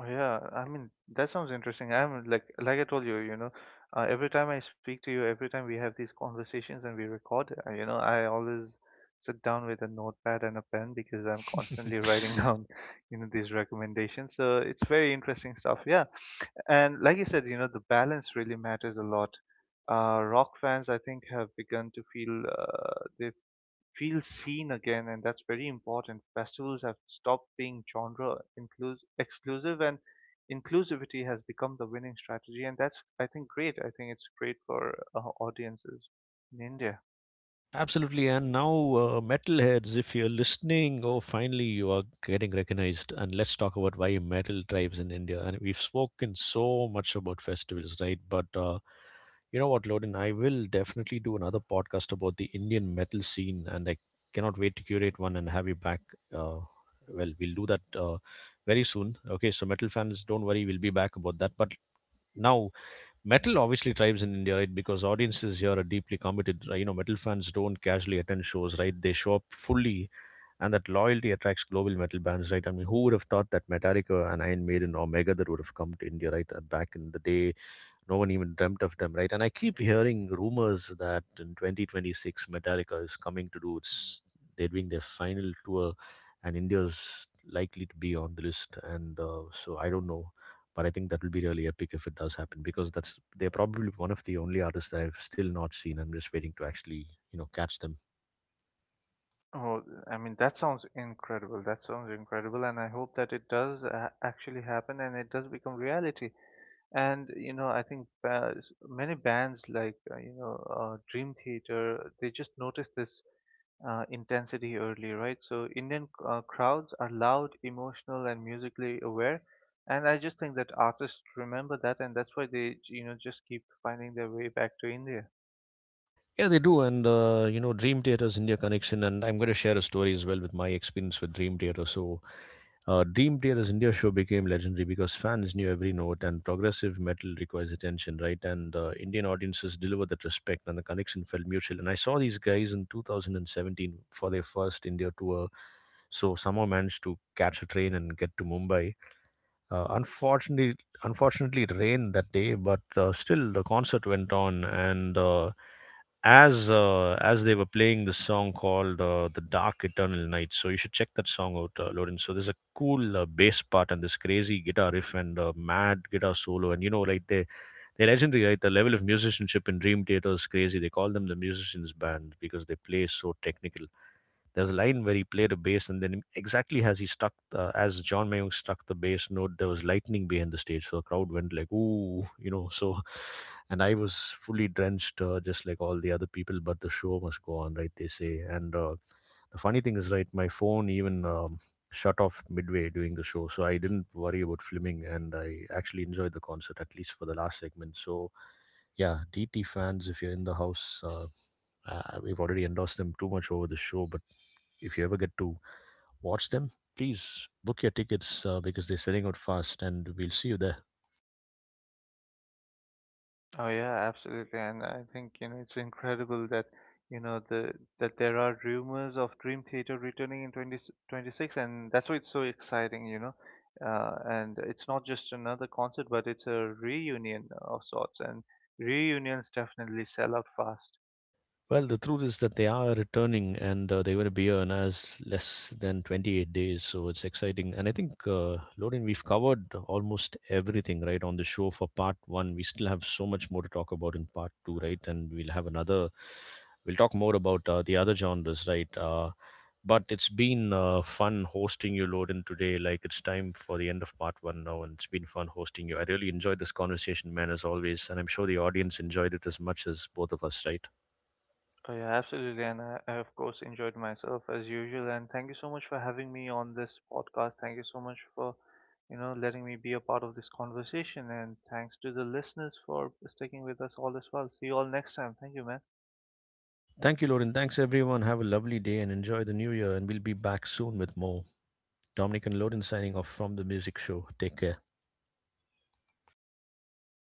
Speaker 2: Oh, yeah, I mean that sounds interesting. I'm like I told you, you know, every time I speak to you, every time we have these conversations and we record, you know, I always sit down with a notepad and a pen because I'm constantly writing down, you know, these recommendations. So it's very interesting stuff. Yeah, and like you said, you know, the balance really matters a lot. Rock fans, I think, have begun to feel, they feel seen again, and that's very important. Festivals have stopped being genre exclusive, and inclusivity has become the winning strategy, and that's, I think, great. I think it's great for audiences in India.
Speaker 1: Absolutely, and now, metalheads, if you're listening, oh finally you are getting recognized. And let's talk about why metal thrives in India. And we've spoken so much about festivals, right? But you know what, Loden? I will definitely do another podcast about the Indian metal scene, and I cannot wait to curate one and have you back. Uh, well, we'll do that very soon. Okay, so metal fans, don't worry, we'll be back about that. But now, metal obviously thrives in India, right? Because audiences here are deeply committed, right? You know, metal fans don't casually attend shows, right? They show up fully, and that loyalty attracts global metal bands, right? I mean, who would have thought that Metallica and Iron Maiden or Megadeth would have come to India, right? Back in the day, no one even dreamt of them, right? And I keep hearing rumors that in 2026, Metallica is coming to do its, they're doing their final tour, and India's likely to be on the list. And so I don't know, but I think that will be really epic if it does happen, because that's, they're probably one of the only artists that I've still not seen. I'm just waiting to actually, you know, catch them.
Speaker 2: Oh, I mean, that sounds incredible. That sounds incredible, and I hope that it does actually happen and it does become reality. And you know, I think many bands like, Dream Theater, they just noticed this intensity early, right? So Indian crowds are loud, emotional, and musically aware, and I just think that artists remember that, and that's why they, you know, just keep finding their way back to India.
Speaker 1: Yeah, they do. And, you know, Dream Theater's India connection. And I'm going to share a story as well with my experience with Dream Theater. So, Dream Theater's India show became legendary because fans knew every note, and progressive metal requires attention, right? And Indian audiences deliver that respect, and the connection felt mutual. And I saw these guys in 2017 for their first India tour. So, somehow managed to catch a train and get to Mumbai. Uh, unfortunately, unfortunately, it rained that day, but still the concert went on. And as they were playing this song called "The Dark Eternal Night," so you should check that song out, Lorin. So there's a cool bass part and this crazy guitar riff and mad guitar solo, and you know, like they're legendary, right? The level of musicianship in Dream Theater is crazy. They call them the musicians band because they play so technical. There was a line where he played a bass, and then exactly as he struck, as John Mayung struck the bass note, there was lightning behind the stage. So the crowd went like, ooh, you know. So, and I was fully drenched, just like all the other people, but the show must go on, right? They say. And the funny thing is, right, my phone even, shut off midway during the show, so I didn't worry about filming, and I actually enjoyed the concert, at least for the last segment. So yeah, DT fans, if you're in the house, we've already endorsed them too much over the show. But if you ever get to watch them, please book your tickets, because they're selling out fast, and we'll see you there.
Speaker 2: Oh yeah, absolutely. And I think, you know, it's incredible that, you know, the that there are rumors of Dream Theater returning in 2026, and that's why it's so exciting, you know. And it's not just another concert, but it's a reunion of sorts, and reunions definitely sell out fast.
Speaker 1: Well, the truth is that they are returning, and they're going to be here in as less than 28 days. So it's exciting. And I think, Lorin, we've covered almost everything, right, on the show for part one. We still have so much more to talk about in part two, right? And we'll have another, we'll talk more about the other genres, right? But it's been fun hosting you, Lorin, today. Like it's time for the end of part one now, and it's been fun hosting you. I really enjoyed this conversation, man, as always. And I'm sure the audience enjoyed it as much as both of us, right?
Speaker 2: Oh yeah, absolutely, and I of course enjoyed myself as usual. And thank you so much for having me on this podcast. Thank you so much for, you know, letting me be a part of this conversation. And thanks to the listeners for sticking with us all as well. See you all next time. Thank you, man.
Speaker 1: Thank you, Loren. Thanks, everyone. Have a lovely day and enjoy the new year. And we'll be back soon with more. Dominic and Loren signing off from the music show. Take care.